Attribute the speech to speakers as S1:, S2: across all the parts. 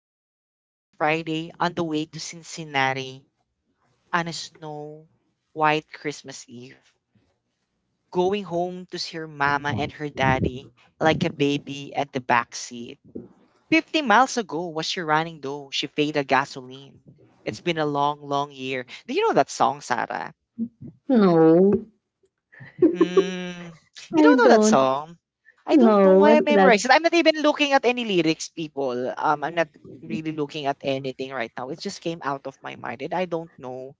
S1: driving last Friday on the way to Cincinnati on a snow white Christmas Eve, going home to see her mama and her daddy like a baby at the back seat. 50 miles ago was she running though, she faded gasoline. It's been a long, long year. Do you know that song, Sarah?
S2: No,
S1: Mm. You
S2: I
S1: don't know that
S2: don't
S1: song? I don't know
S2: know
S1: why I
S2: what's that?
S1: memorized it. I'm not even looking at any lyrics, people. I'm not really looking at anything right now. It just came out of my mind, and I don't know.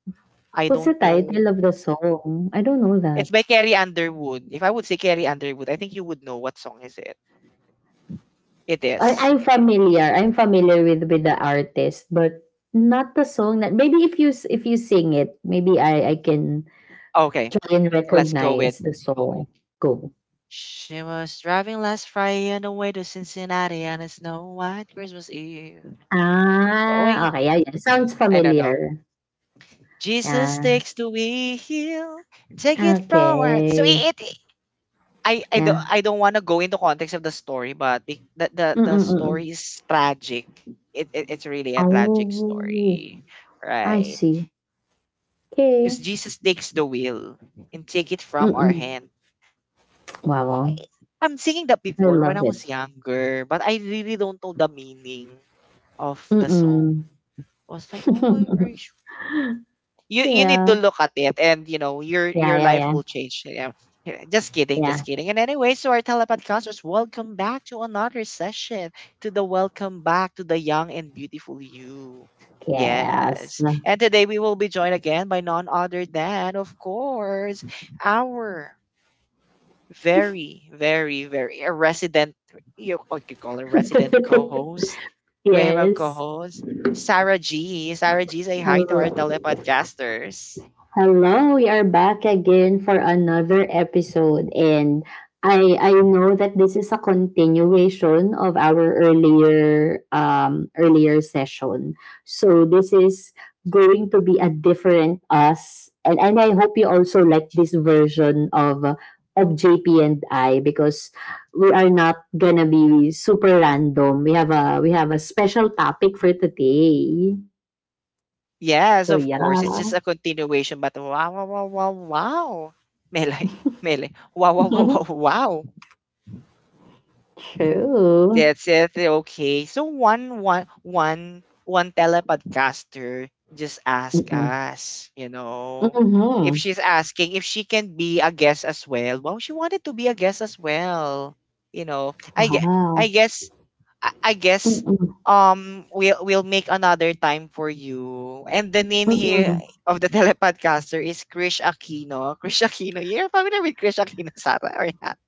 S1: I
S2: What's the
S1: don't know.
S2: title of the song? I don't know
S1: It's
S2: that.
S1: by Carrie Underwood. If I would say Carrie Underwood, I think you would know what song is it. It
S2: I
S1: is.
S2: I'm familiar. I'm familiar with the artist, but not the song. That Maybe if you if you sing it, maybe I can
S1: Okay,
S2: try and
S1: let's go with.
S2: recognize the song. Go.
S1: She was driving last Friday on the way to Cincinnati on a snow white Christmas Eve.
S2: Ah,
S1: Going.
S2: okay. Yeah, yeah. Sounds
S1: I don't know.
S2: familiar.
S1: Jesus
S2: Yeah.
S1: takes the wheel, take it forward. So
S2: Okay.
S1: I I don't
S2: Yeah.
S1: I don't want to go into context of the story, but be, the
S2: Mm-mm, mm-mm.
S1: story is tragic. It's really a tragic
S2: Oh,
S1: story,
S2: I
S1: right?
S2: see. Okay.
S1: Because Jesus takes the wheel and take it from our
S2: Mm-mm.
S1: hand. Why?
S2: Wow.
S1: I'm singing that
S2: I
S1: before when I
S2: love it.
S1: was younger, but I really don't know the meaning of the song.
S2: Mm.
S1: I was like, oh, are you you you need to
S2: Yeah.
S1: look at it, and your
S2: Yeah,
S1: your
S2: yeah,
S1: life
S2: yeah.
S1: will change, yeah. Yeah, just kidding, just
S2: Yeah.
S1: kidding, and anyway, so, our telepodcasters, welcome back to another session, to the, welcome back to the young and beautiful you.
S2: Yes.
S1: Yes. And today we will be joined again by none other than, of course, our very, very, very, a resident, you, what you call a resident co-host. We have a
S2: Yes.
S1: co-host, Sarah G. Sarah G, say hi to our
S2: Hello.
S1: telepodcasters.
S2: Hello, we are back again for another episode, and I know that this is a continuation of our earlier earlier session. So this is going to be a different us, and I hope you also like this version of JP and I, because we are not gonna be super random. We have a special topic for today.
S1: Yes,
S2: So
S1: of
S2: yeah.
S1: course. It's just a continuation, but wow, wow, wow, wow, wow. Mele, mele, wow, wow, wow, wow, wow.
S2: True.
S1: That's it. Okay. So one telepodcaster just asked us, if
S2: Mhm.
S1: she's asking if she can be a guest as well. Well, she wanted to be a guest as well. I gue- I
S2: Wow.
S1: guess I guess
S2: Mm,
S1: we'll make another time for you. And the name here
S2: mm.
S1: of the telepodcaster is Krish Aquino. Krish Aquino. You're familiar with Krish Aquino, Sarah, or not?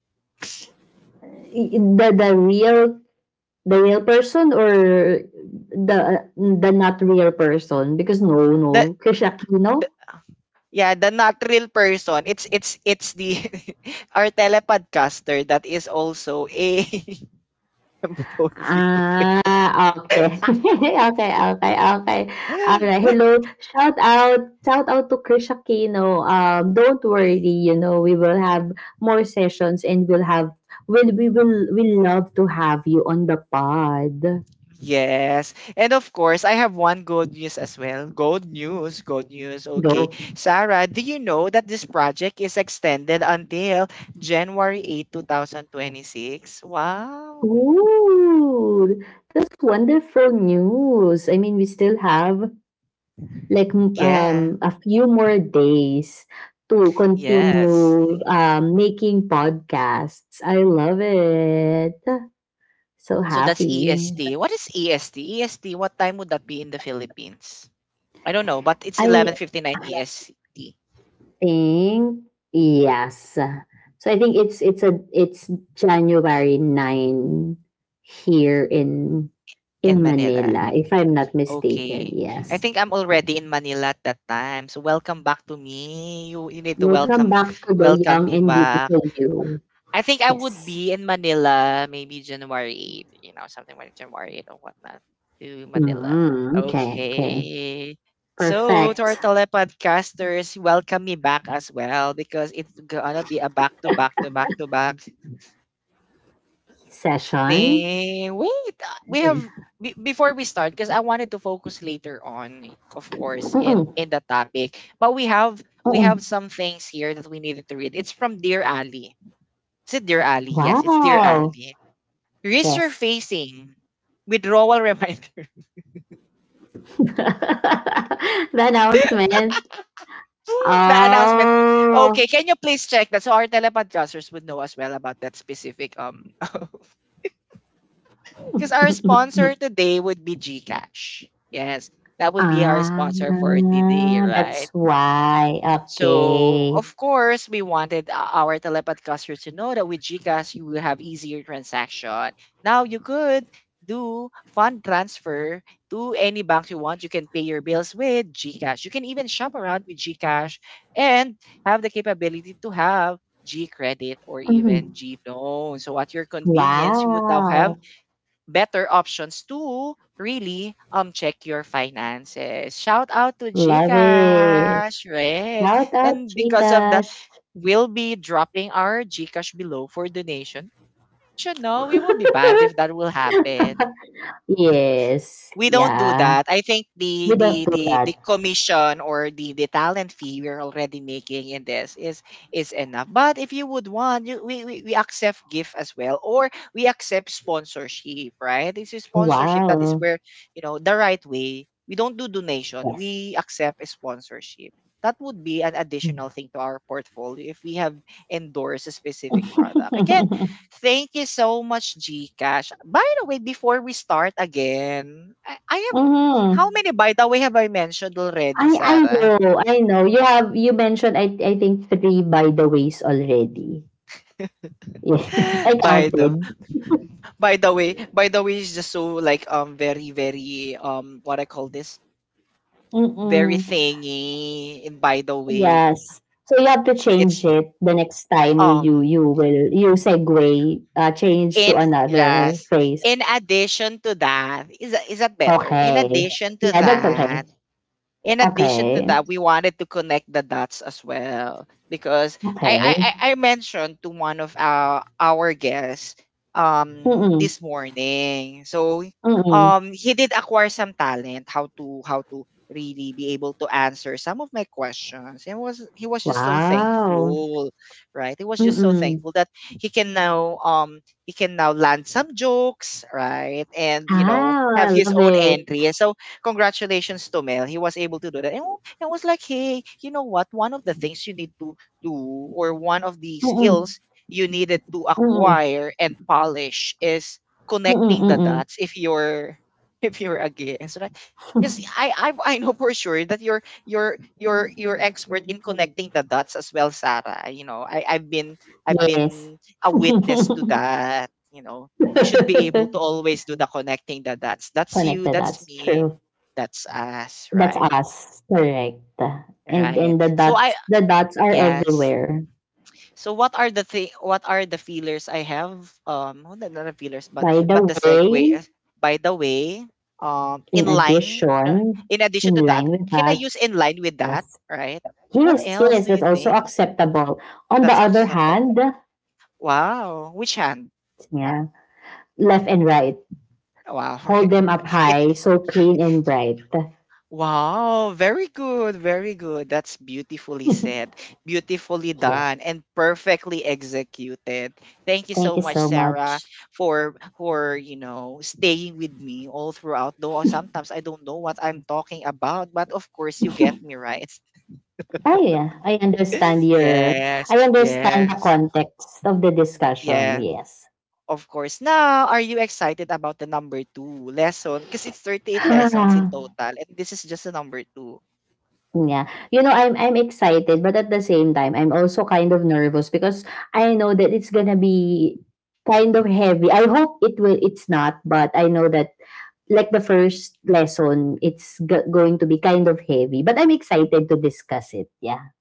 S2: I The real, the real person, or the not real person? Because no,
S1: That
S2: no, Chris Aquino?
S1: Yeah, the not real person. It's the our telepodcaster that is also a employee of it.
S2: Ah, okay. Okay, okay, okay. Alright, hello. Shout out to Chris Aquino. Don't worry, you know, we will have more sessions and we'll, we love to have you on the pod.
S1: Yes. And of course, I have one good news as well. Good news, good news. Okay.
S2: Go.
S1: Sarah, do you know that this project is extended until January 8, 2026? Wow.
S2: Ooh, that's wonderful news. I mean, we still have like
S1: Yeah.
S2: a few more days to
S1: Yes.
S2: continue making podcasts. I love it. So
S1: So that's
S2: happy.
S1: EST. What is EST? EST, what time would that be in the Philippines? I don't know, but it's
S2: I
S1: 11:59 EST
S2: think yes. So I think it's a it's January 9 here in
S1: in Manila.
S2: Manila, if I'm not mistaken.
S1: Okay. I
S2: Yes.
S1: think I'm already in Manila at that time. So welcome back to me. You need to
S2: Welcome
S1: welcome
S2: back to the
S1: welcome
S2: Young
S1: me
S2: and
S1: back.
S2: Beautiful You.
S1: I think I would
S2: Yes.
S1: be in Manila maybe January 8, something like January 8 or whatnot to Manila.
S2: Mm, okay, okay.
S1: Okay. So to our
S2: Perfect
S1: telepodcasters, welcome me back as well because it's gonna be a back to back to back to back
S2: session.
S1: thing. Wait,
S2: Yeah.
S1: before we start, because I wanted to focus later on, of course, in
S2: Mm-mm.
S1: the topic. But we have
S2: Mm-mm.
S1: some things here that we needed to read. It's from Dear Ali. Is it Dear Ali? Yes, it's Dear
S2: Wow.
S1: Ali.
S2: Yes.
S1: Resurfacing withdrawal reminder.
S2: the announcement.
S1: The announcement. Okay,
S2: Oh.
S1: can you please check that so our telepodcasters would know as well about that specific Because our sponsor today would be GCash. Yes, that would be our
S2: Ah,
S1: sponsor for today,
S2: ah, that's
S1: right?
S2: why.
S1: So,
S2: Okay.
S1: of course, we wanted our Telepath customers to know that with GCash, you will have easier transaction. Now, you could do fund transfer to any bank you want. You can pay your bills with GCash. You can even shop around with GCash, and have the capability to have G credit or even
S2: Mm.
S1: G loan. So at your convenience, you would now have
S2: Wow.
S1: better options to really check your finances. Shout out to
S2: Love it.
S1: GCash, yes.
S2: Shout out,
S1: And because of that,
S2: Chikash.
S1: we'll be dropping our GCash below for donation. You know, we will be banned if that will happen.
S2: Yes.
S1: We don't do
S2: Yeah.
S1: that. I think the
S2: We don't
S1: the
S2: do
S1: the the
S2: that.
S1: commission or the talent fee we're already making in this is enough. But if you would want, you, we accept gift as well, or we accept sponsorship, right? This is sponsorship. That is
S2: Wow.
S1: where you know the right way. We don't do donation.
S2: Yes.
S1: We accept a sponsorship. That would be an additional thing to our portfolio if we have endorsed a specific product. Again, thank you so much, GCash. By the way, before we start again, I have how
S2: hmm.
S1: many by the way have I mentioned already,
S2: I
S1: Sarah?
S2: know. I know. You have, you mentioned I think three by the ways already. Yes. I
S1: by the
S2: counted.
S1: by the way. By the way is just so like very, very what I call this, very
S2: Mm-mm.
S1: thingy. And by the way,
S2: Yes. So you have to
S1: it's
S2: change it the next time you you,
S1: um
S2: you will you segue, change to
S1: in
S2: another
S1: yes.
S2: phrase.
S1: In addition to that, is that better? In
S2: Okay.
S1: addition to
S2: Yeah, that's okay.
S1: that, in addition to
S2: Okay.
S1: that, we wanted to connect the dots as well, because I
S2: Okay.
S1: I, I I mentioned to one of our guests
S2: Mm-mm.
S1: this morning. So
S2: Mm-mm.
S1: he did acquire some talent, how to really be able to answer some of my questions. And was he was just so
S2: Wow.
S1: thankful, right? He was just so
S2: Mm-mm.
S1: thankful that he can now land some jokes, right? And
S2: Ah,
S1: have
S2: I
S1: his
S2: love
S1: own
S2: it.
S1: entry. And so congratulations to Mel. He was able to do that. And I was like, hey, you know what? One of the things you need to do, or one of the
S2: Mm-mm,
S1: skills you needed to
S2: mm-mm,
S1: acquire and polish is
S2: mm-mm,
S1: connecting the
S2: mm-mm.
S1: dots, if you're if you're a gay. And so, like, because I know for sure that you're expert in connecting the dots as well, Sarah. You know, I, I've been I've
S2: Yes.
S1: been a witness to that, we should be able to always do the connecting the dots. That's you,
S2: Connected.
S1: that's
S2: That's
S1: me.
S2: true.
S1: That's us,
S2: That's
S1: right?
S2: us. Correct. And
S1: Right.
S2: the
S1: So I
S2: dots, the dots are
S1: yes.
S2: everywhere.
S1: So what are what are the feelers I have? Well, not the feelers, but
S2: By the
S1: the segue.
S2: way,
S1: uh, By the way.
S2: in
S1: Inline.
S2: addition,
S1: In
S2: in
S1: addition to
S2: line
S1: that,
S2: with
S1: can I
S2: that,
S1: use inline with that?
S2: yes.
S1: Right. What
S2: Yes,
S1: else
S2: yes,
S1: do
S2: that's
S1: you
S2: also
S1: think
S2: acceptable. On the
S1: that's
S2: other
S1: acceptable?
S2: hand,
S1: Wow. Which hand?
S2: yeah, left and right.
S1: Wow. Right.
S2: Hold
S1: Right,
S2: them up
S1: right. It
S2: high, so clean and bright.
S1: Wow, very good, very good. That's beautifully said, beautifully
S2: Yeah.
S1: done, and perfectly executed. Thank you
S2: Thank
S1: so
S2: you
S1: much,
S2: so
S1: Sarah,
S2: much.
S1: for staying with me all throughout. Though sometimes I don't know what I'm talking about, but of course you get me right.
S2: Ah, yeah, I understand your,
S1: Yes,
S2: I understand the
S1: yes,
S2: context of the discussion,
S1: yeah.
S2: yes.
S1: Of course. Now, are you excited about the number two lesson? Because it's 38 lessons in total,
S2: Ah,
S1: and this is just the number two.
S2: yeah. You know, I'm excited, but at the same time, I'm also kind of nervous because I know that it's gonna be kind of heavy. I hope it will, it's not, but I know that like the first lesson, it's going to be kind of heavy. But I'm excited to discuss it. Yeah.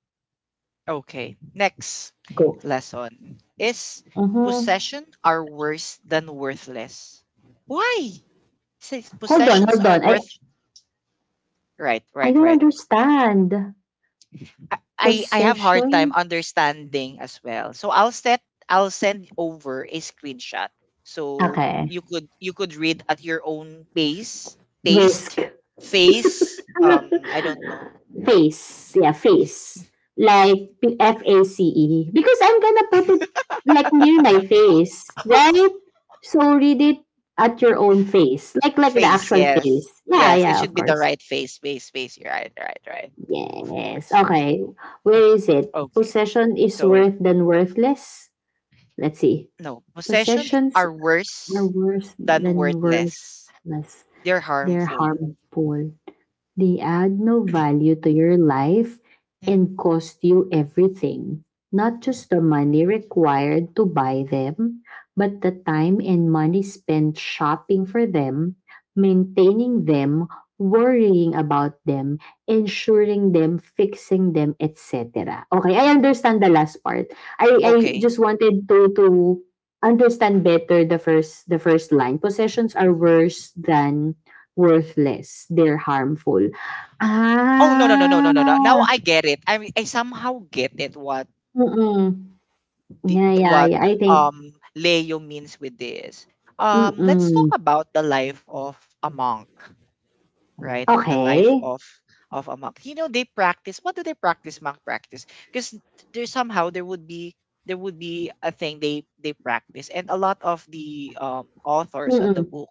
S1: Okay, next
S2: Go.
S1: lesson is
S2: Mm-hmm.
S1: possession are worse than worthless. Why? Says
S2: Hold on,
S1: possessions
S2: hold
S1: are
S2: on.
S1: worth. Right,
S2: I
S1: right,
S2: don't
S1: right.
S2: understand.
S1: I have hard time
S2: Possession?
S1: understanding as well. So I'll send over a screenshot so
S2: Okay.
S1: you could read at your own pace, taste,
S2: Risk.
S1: face. I don't know.
S2: face. Yeah, face. Like face. Because I'm gonna put it like near my face, right? So read it at your own face. Like the
S1: Face,
S2: actual
S1: yes,
S2: face. Yeah,
S1: yes. It
S2: yeah,
S1: should
S2: of
S1: be the
S2: course.
S1: right face, face, face. You're right, right, right. Of
S2: Yes.
S1: course.
S2: Okay. Where is it?
S1: Okay.
S2: Possession is
S1: So,
S2: worth than worthless. Let's see.
S1: no. Possession
S2: Possessions
S1: are
S2: are
S1: worse
S2: worse
S1: than
S2: than
S1: worthless.
S2: worthless.
S1: They're
S2: They're
S1: harmful.
S2: harmful. They add no value to your life
S1: Mhm.
S2: and cost you everything. Not just the money required to buy them, but the time and money spent shopping for them, maintaining them, worrying about them, ensuring them, fixing them, etc. Okay, I understand the last part. I
S1: Okay.
S2: just wanted to understand better the first, the first line. Possessions are worse than worthless, they're harmful.
S1: Oh, no, no, no, no, no, no, no. Now
S2: Ah,
S1: I get it. I somehow get it what
S2: mm, mm.
S1: the,
S2: Yeah, yeah,
S1: what
S2: yeah, I think
S1: um Leo means with this.
S2: mm,
S1: Let's talk
S2: mm.
S1: about the life of a monk. Right? The
S2: Okey.
S1: life of a monk. You know, they practice. What do they practice? Monk practice, because there somehow there would be a thing they practice, and a lot of the authors on the
S2: Mm,
S1: book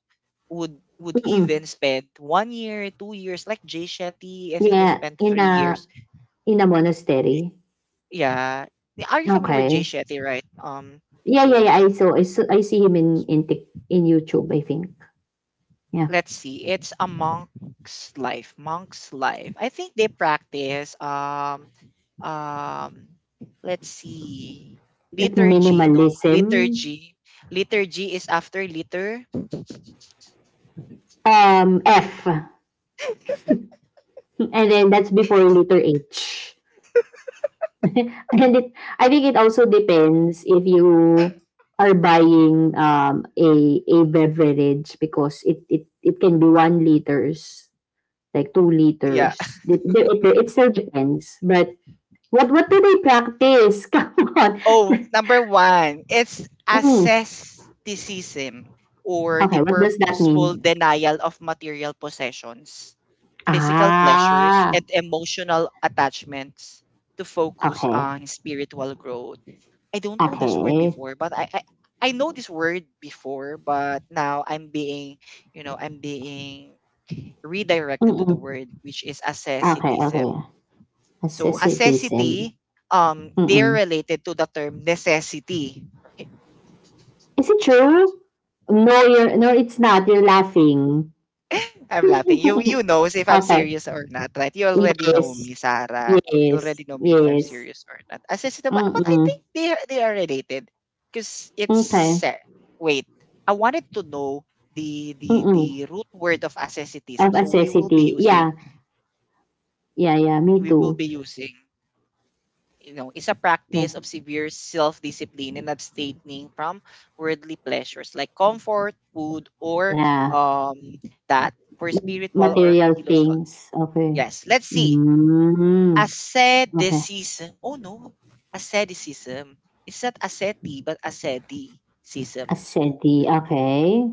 S1: would
S2: mm.
S1: even spend one year, 2 years. Like Jay Shetty, I think he
S2: Yeah,
S1: spent three years.
S2: in a monastery?
S1: Yeah, yeah, are you familiar with Jay
S2: Okay.
S1: Shetty, right?
S2: Yeah, yeah, yeah, I
S1: So
S2: saw, I see him in Tik in YouTube, I think. Yeah,
S1: let's see. It's a monk's life. Monk's life. I think they practice. Um let's see,
S2: like
S1: liturgy, no,
S2: minimalism,
S1: liturgy is after liter,
S2: F, and then that's before letter H. and it I think it also depends if you are buying a beverage because it can be 1 liters, like two
S1: yeah.
S2: liters it still depends. But what do they practice? come on.
S1: Oh, number one, it's
S2: Mm.
S1: asceticism or the
S2: Okay, what does that
S1: purposeful
S2: mean?
S1: denial of material possessions, physical pleasures,
S2: Ah,
S1: and emotional attachments to focus
S2: okay,
S1: on spiritual growth. I don't know this word
S2: okay.
S1: before, but I know this word before, but now I'm being redirected to the
S2: Mm-mm.
S1: word which is
S2: Okay, okay,
S1: asceticism. So
S2: asceticism.
S1: accessity,
S2: Mm-mm.
S1: they're related to the term necessity. Right?
S2: Is it true? No, you're no it's not, you're laughing.
S1: I'm laughing. You know if I'm
S2: Okay.
S1: serious or not, right? You already know me,
S2: Yes.
S1: Sarah. You
S2: Yes.
S1: already know me if I'm
S2: Yes.
S1: serious or not. Accessity, but I
S2: Mm.
S1: think they are related because it's
S2: Okay.
S1: wait. I wanted to know the
S2: Mm.
S1: root word of asceticism.
S2: Of
S1: So we will be
S2: necessity.
S1: using
S2: Yeah. Yeah, yeah, me
S1: we will be
S2: too.
S1: using is a
S2: Yeah.
S1: practice of severe self-discipline and abstaining from worldly pleasures like comfort, food, or
S2: Yeah.
S1: um that, for spiritual or
S2: Material
S1: philosophical.
S2: things. Okay.
S1: Yes, let's see.
S2: Hmm. Okay.
S1: Asceticism. Oh no, asceticism. It's not asceti, but asceticism. So,
S2: Ascetic. Okay.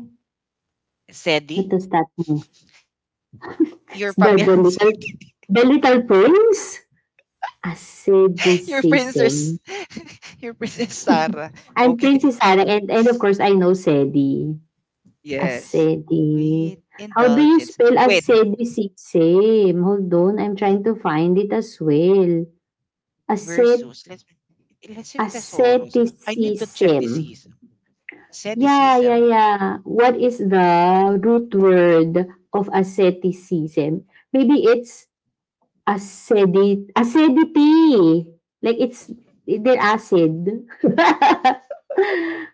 S1: asceti?
S2: What does that mean?
S1: You're
S2: The
S1: familiar with
S2: little,
S1: asceti?
S2: the little prince?
S1: Your princess,
S2: Asceticism.
S1: your princess Sarah.
S2: I'm
S1: Okay.
S2: Princess Sarah, and of course I know Sedi.
S1: Yes.
S2: Acedi.
S1: Wait,
S2: How do you
S1: indulgence.
S2: spell
S1: Wait.
S2: acedicid? Same. Hold on, I'm trying to find it as well. Acet,
S1: Versus, let's say Thesaurus. I need to check this
S2: asceticism.
S1: season.
S2: Yeah, yeah,
S1: Sedicism.
S2: yeah. What is the root word of asceticism? Maybe it's acedi, acidity. Like it's, they're acid.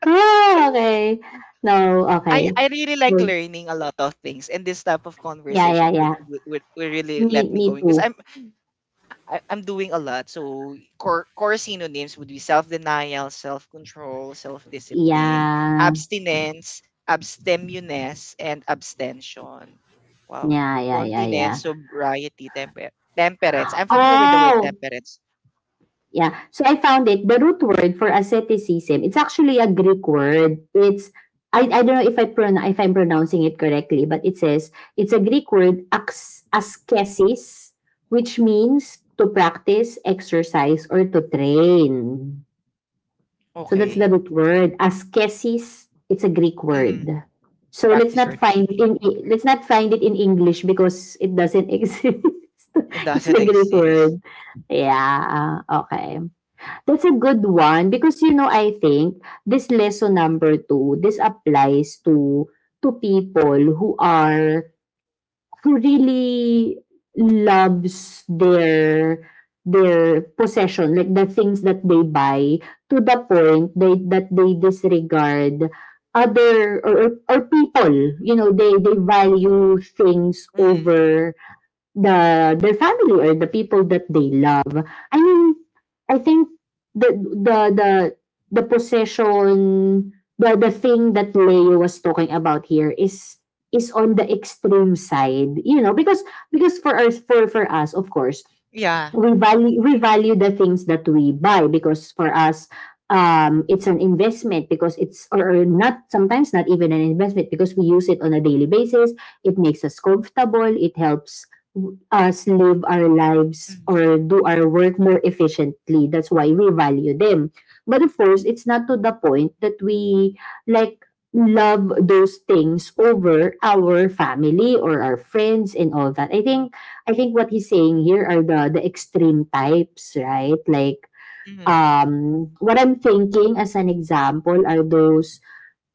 S2: oh, okay. No,
S1: I
S2: okay.
S1: I really like
S2: Hold.
S1: learning a lot of things, and this type of
S2: Yeah, yeah,
S1: conversation
S2: yeah.
S1: would really
S2: Me,
S1: let me
S2: me
S1: going
S2: too.
S1: because I'm doing a lot. So core synonyms would be self denial, self control, self discipline,
S2: Yeah.
S1: abstinence, abstemiousness, and abstention. Wow,
S2: Yeah, yeah, yeah, yeah.
S1: continence, sobriety, temperance. I'm familiar with the word
S2: Oh,
S1: temperance.
S2: yeah. So I found it. The root word for asceticism, it's actually a Greek word. It's I don't know if if I'm pronouncing it correctly, but it says it's a Greek word ascesis, which means to practice, exercise, or to train. So that's the
S1: Okay.
S2: root word. Ascesis, it's a Greek word.
S1: Mhm.
S2: So
S1: Practice your trading.
S2: let's not find it in English because it doesn't exist.
S1: It
S2: It's a
S1: doesn't
S2: Greek
S1: exist.
S2: word. Yeah, okay. That's a good one because you know, I think this lesson number two, this applies to people who are, who really loves their possession, like the things that they buy, to the point that they disregard other or, or people. You know, they value things
S1: Mm,
S2: over their family or the people that they love. I mean, I think the the the the possession, the thing that Leo was talking about here is on the extreme side, you know, because for us, of course,
S1: yeah.
S2: we value, we value the things that we buy because for us it's an investment, because it's, or not, sometimes not even an investment because we use it on a daily basis. It makes us comfortable, it helps us live our lives
S1: Mm,
S2: or do our work more efficiently, that's why we value them. But of course, it's not to the point that we like love those things over our family or our friends and all that. I think what he's saying here are the extreme types, right? Like
S1: mm,
S2: what I'm thinking as an example are those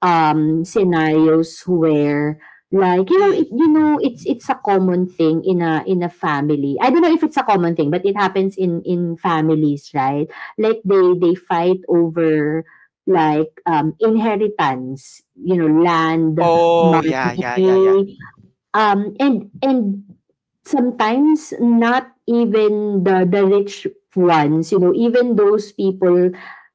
S2: scenarios where, like you know
S1: mm.
S2: it, you know it's a common thing in a family. I don't know if it's a common thing, but it happens in families, right? Like they fight over, like inheritance, you know, land,
S1: Oh, yeah, yeah, yeah, yeah.
S2: money, and sometimes not even the rich ones, you know, even those people,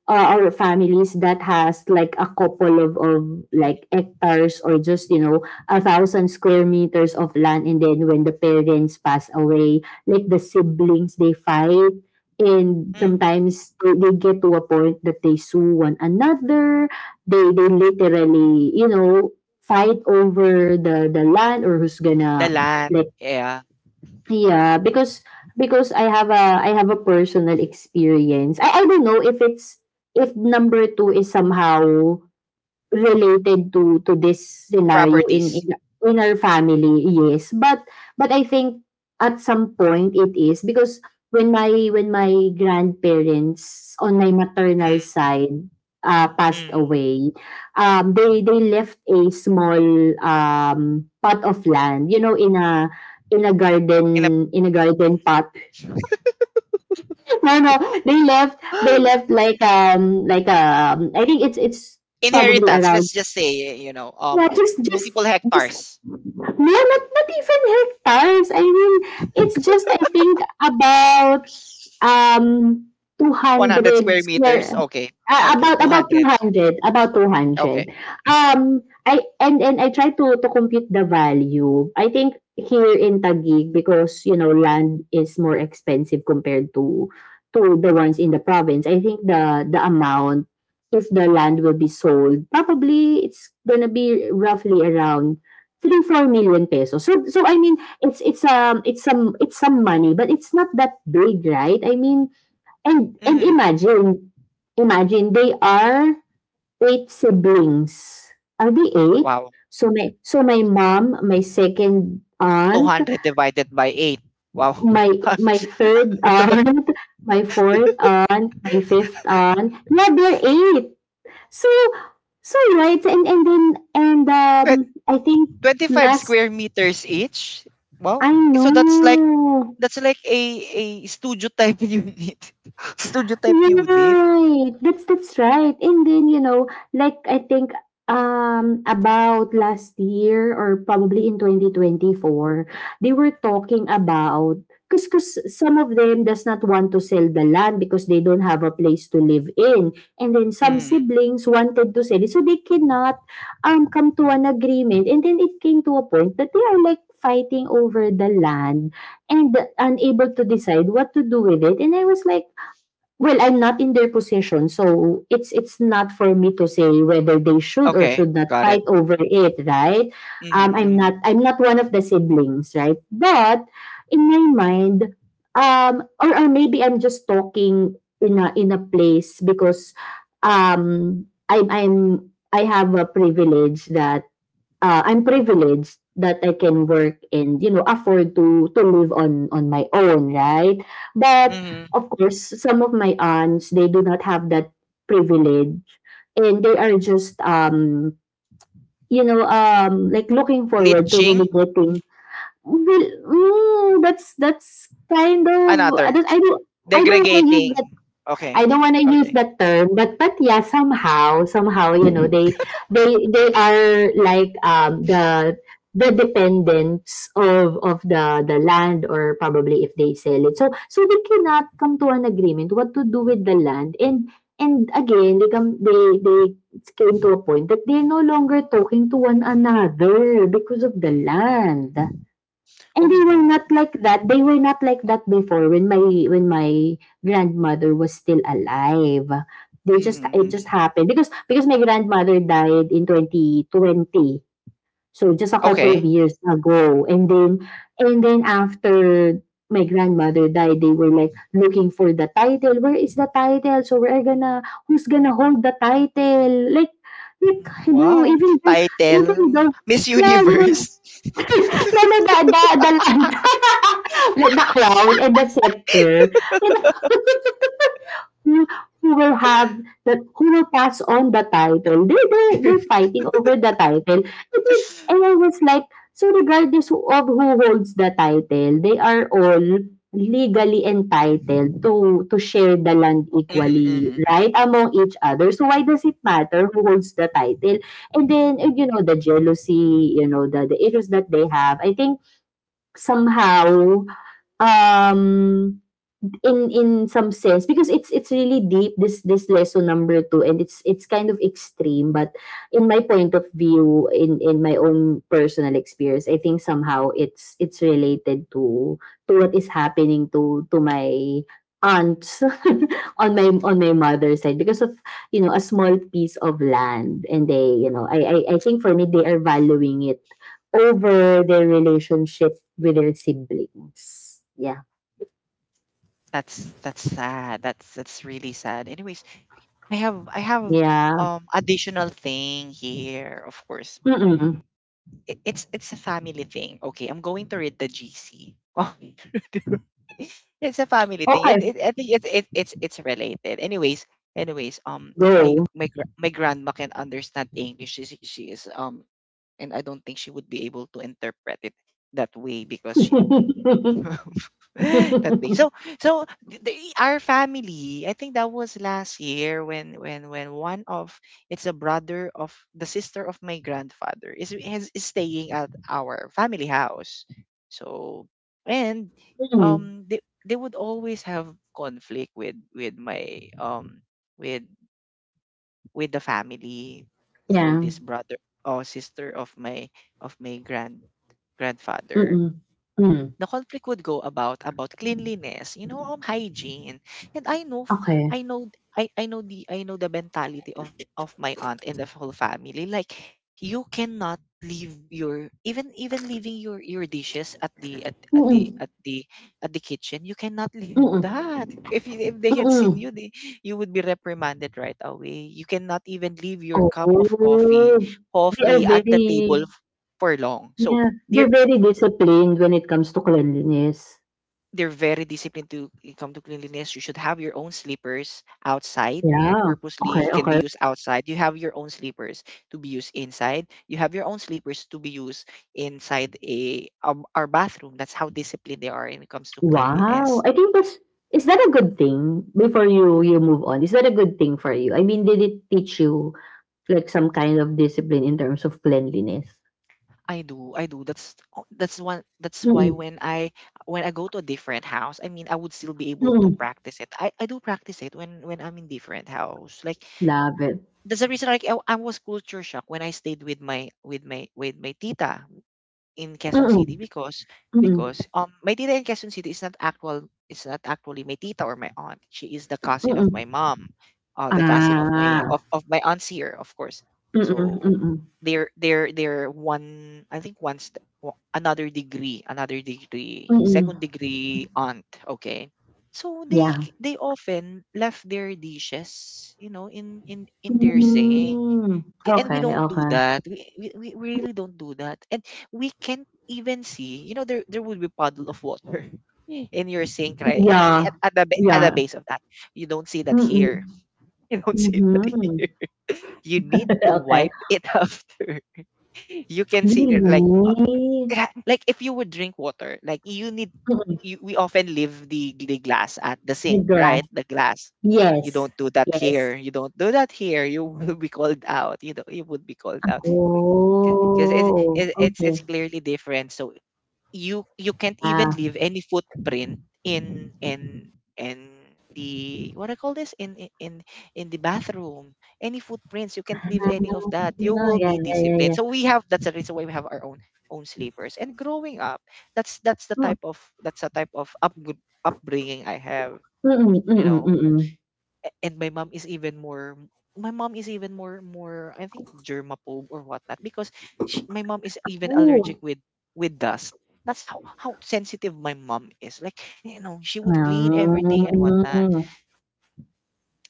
S2: or families that has like a couple of,
S1: Mm,
S2: like hectares or just you know a thousand square meters of land. And then when the parents pass away, like the siblings they fight, and
S1: mm.
S2: sometimes they get to a point that they sue one another. They literally, you know, fight over the land or who's
S1: The
S2: gonna
S1: land,
S2: like.
S1: yeah.
S2: Yeah, because I have a, I have a personal experience. I don't know if it's if number two is somehow related to this scenario in
S1: Properties.
S2: in our family, yes. But I think at some point it is because when my, when my grandparents on my maternal
S1: Mm,
S2: side passed
S1: mm.
S2: away, they left a small pot of land, you know, in a
S1: In a—
S2: garden, in a garden pot. no, no, they left, they left like I think it's probably
S1: inheritance,
S2: around.
S1: let's just say, you know, um, multiple hectares.
S2: No, not not even hectares. I mean, it's just I think about um, two
S1: 100
S2: hundred
S1: square
S2: square,
S1: meters. Okay.
S2: ah,
S1: Okay.
S2: about two
S1: 200.
S2: hundred about two
S1: Okay.
S2: hundred I, and I try to compute the value. I think here in Taguig, because you know land is more expensive compared to the ones in the province. I think the amount, if the land will be sold, probably it's gonna be roughly around 3 4 million pesos. So, so I mean it's some, it's some money, but it's not that big, right? I mean, and
S1: Mm.
S2: imagine, imagine they are eight siblings. Are they eight?
S1: Wow.
S2: So my, so my mom, my second aunt,
S1: 200 divided by 8. Wow.
S2: my third aunt, my fourth aunt, my fifth aunt, yeah they're eight. So, so right. And then and
S1: Pe-
S2: I think
S1: 25
S2: last
S1: square meters each. Wow.
S2: I
S1: Eh, so that's like
S2: know.
S1: that's like a studio type unit. Studio type unit.
S2: Right. That's right. And then, you know, like I think about last year or probably in 2024, they were talking about because cause some of them does not want to sell the land because they don't have a place to live in. And then some
S1: Mm.
S2: siblings wanted to sell it. So they cannot come to an agreement. And then it came to a point that they are like fighting over the land and unable to decide what to do with it. And I was like, well, I'm not in their position, so it's not for me to say whether they should or
S1: Okay,
S2: should not
S1: got
S2: fight
S1: it.
S2: over it, right?
S1: Mm-hmm,
S2: I'm
S1: mm-hmm,
S2: not I'm not one of the siblings, right? But in my mind, or maybe I'm just talking in a place because um, I'm I'm I have a privilege that I'm privileged that I can work and you know afford to live on my own, right? But
S1: mm-hmm.
S2: of course, some of my aunts they do not have that privilege, and they are just you know like looking forward to
S1: Leaching,
S2: really getting. Well, that's kind of
S1: another.
S2: I don't want to use that
S1: Degrading. Okay.
S2: I don't wanna use
S1: Okay.
S2: that term, but yeah, somehow, somehow, you know, they they are like the dependents of the land or probably if they sell it. So so they cannot come to an agreement what to do with the land and again they come they came to a point that they're no longer talking to one another because of the land. And
S1: Oh
S2: they were
S1: no.
S2: not like that. They were not like that before when my grandmother was still alive. They just
S1: Mm-hmm,
S2: it just
S1: mm-hmm.
S2: happened because my grandmother died in 2020. So just a couple
S1: Okay.
S2: of years ago. And then after my grandmother died, they were like looking for the title. Where is the title? So we're gonna who's gonna hold the title? Like hello,
S1: Wow.
S2: even
S1: Title
S2: though
S1: Miss
S2: yeah, you know
S1: Universe.
S2: Na nagdadadalan. Like the crown and the scepter. And Who who will have that who will pass on the title. They're fighting over the title. And then- and I was like, so regardless of who holds the title, they are all legally entitled to share the land
S1: Mm-hmm,
S2: equally,
S1: mm-hmm.
S2: right, among each other. So why does it matter who holds the title? And then, you know, the jealousy, you know, the issues that they have, I think somehow, um, in some sense because it's really deep this lesson number two and it's kind of extreme but in my point of view in my own personal experience I think somehow it's related to what is happening to my aunts on my mother's side because of you know a small piece of land and they you know I think for me they are valuing it over their relationship with their siblings. Yeah.
S1: That's sad. That's really sad. Anyway, I have
S2: Yeah.
S1: additional thing here, of course.
S2: Mm.
S1: It's a family thing. Okay, I'm going to read the GC. It's a family thing.
S2: Okay.
S1: I think it's related. Anyways,
S2: Go.
S1: my grandma can understand English. She is. And I don't think she would be able to interpret it that way because she that big. So, our family, I think that was last year when one of— it's a brother of the sister of my grandfather is staying at our family house. So and
S2: Mm.
S1: um they they would always have conflict with my with with the family for
S2: Yeah,
S1: this brother or sister of my of my grand grandfather.
S2: mm. Mm.
S1: The conflict would go about cleanliness, hygiene. And
S2: Okay.
S1: i know I know the mentality of my aunt and the whole family. Like you cannot leave your— even leaving your dishes at
S2: Mm,
S1: the kitchen. You cannot leave
S2: mm,
S1: that. If if they had seen
S2: mm.
S1: you, you would be reprimanded right away. You cannot even leave your cup of
S2: Oh. They are
S1: coffee at the table
S2: very
S1: for long. so
S2: yeah, they're
S1: there
S2: very disciplined when it comes to cleanliness.
S1: they're very disciplined to it come to cleanliness. You should have your own slippers outside.
S2: Yeah. Okay,
S1: Purposely can be
S2: okay.
S1: used outside. You have your own slippers to be used inside. You have your own slippers to be used inside a our bathroom. That's how disciplined they are when it comes to
S2: Wow!
S1: cleanliness.
S2: I think that's is that a good thing before you you move on? Is that a good thing for you? I mean, did it teach you, like, some kind of discipline in terms of cleanliness?
S1: I do, I do. That's one. That's why
S2: Mm,
S1: when I go to a different house, I mean, I would still be able to
S2: mm.
S1: practice it. I do practice it when I'm in different house. Like
S2: Love it.
S1: that's the reason. Like I was culture shock when I stayed with my tita in Quezon
S2: Mm-mm,
S1: City, because
S2: mm-mm,
S1: my tita in Quezon City is not actually my tita or my aunt. She is the cousin of
S2: mm-mm.
S1: my mom, the cousin of my—
S2: Ah,
S1: of my aunts here, of course.
S2: mm-mm,
S1: So
S2: mm-mm,
S1: they're one, I think, another degree,
S2: mm-mm.
S1: second degree aunt. Okay. So
S2: Yeah.
S1: they often left their dishes, you know, in their sink.
S2: Mm,
S1: K- and we
S2: okay,
S1: don't do
S2: okay.
S1: that. We really don't do that. And we can't even see, there would be puddle of water in your sink, right?
S2: Yeah,
S1: At the
S2: yeah.
S1: base of that. You don't see that
S2: Mm-mm,
S1: here. You don't see that
S2: mhm.
S1: here. You need to
S2: Okay.
S1: wipe it after. You can see it like—
S2: Really?
S1: if you would drink water. Like,
S2: Mm-mm.
S1: we often leave the glass at the
S2: The
S1: sink, right?
S2: grass.
S1: The glass. You
S2: Yes,
S1: don't do that
S2: yes.
S1: here. You don't do that here. You will be called out. You know, you would be called out because it,
S2: Oh,
S1: it it's
S2: okay.
S1: it's clearly different. So you can't even
S2: Ah,
S1: leave any footprint in in the— what I call this— in the bathroom. Any footprints, you can't leave any of that. You
S2: yeah, yeah,
S1: will
S2: yeah,
S1: be
S2: yeah.
S1: disciplined.
S2: Yeah.
S1: So we have that's the reason why we have our own— sleepers. And growing up,
S2: Mm.
S1: that's the type of upbringing I have,
S2: Mm-mm,
S1: you
S2: mm-mm,
S1: know.
S2: mm-mm.
S1: A- And my mom is even more— my mom is even more, I think, germaphobe or whatnot. Because my mom is even allergic
S2: Good.
S1: with dust. That's how sensitive my mom is. Like, you know, she would clean everything and whatnot.
S2: Ah.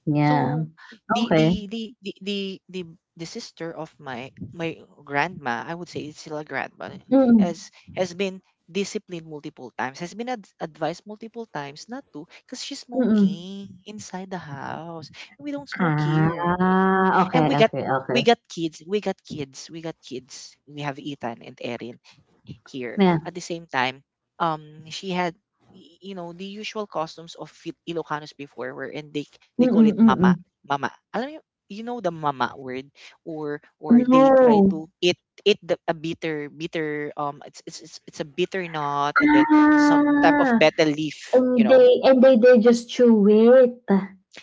S2: Yeah,
S1: So the
S2: okey.
S1: the the the the the, the sister of my grandma, I would say it's still a grandma,
S2: Mm,
S1: has has been disciplined multiple times, has been advised multiple times not to, because she's
S2: mm.
S1: smoking inside the house. We don't smoke here.
S2: Ah, okey,
S1: And we got—
S2: okey, okey.
S1: we got kids, we got kids. We have Ethan and Erin here.
S2: Yeah.
S1: At the same time, she had— you know the usual costumes of Ilocanos before, where— and they call
S2: Mm,
S1: it mama,
S2: mm.
S1: mama. Alam mo, you know the mama word, or— they try
S2: No.
S1: to eat— the— a bitter— it's a bitter nut, and then some type of
S2: Ah,
S1: betel leaf, you
S2: and
S1: know.
S2: they and they just chew it,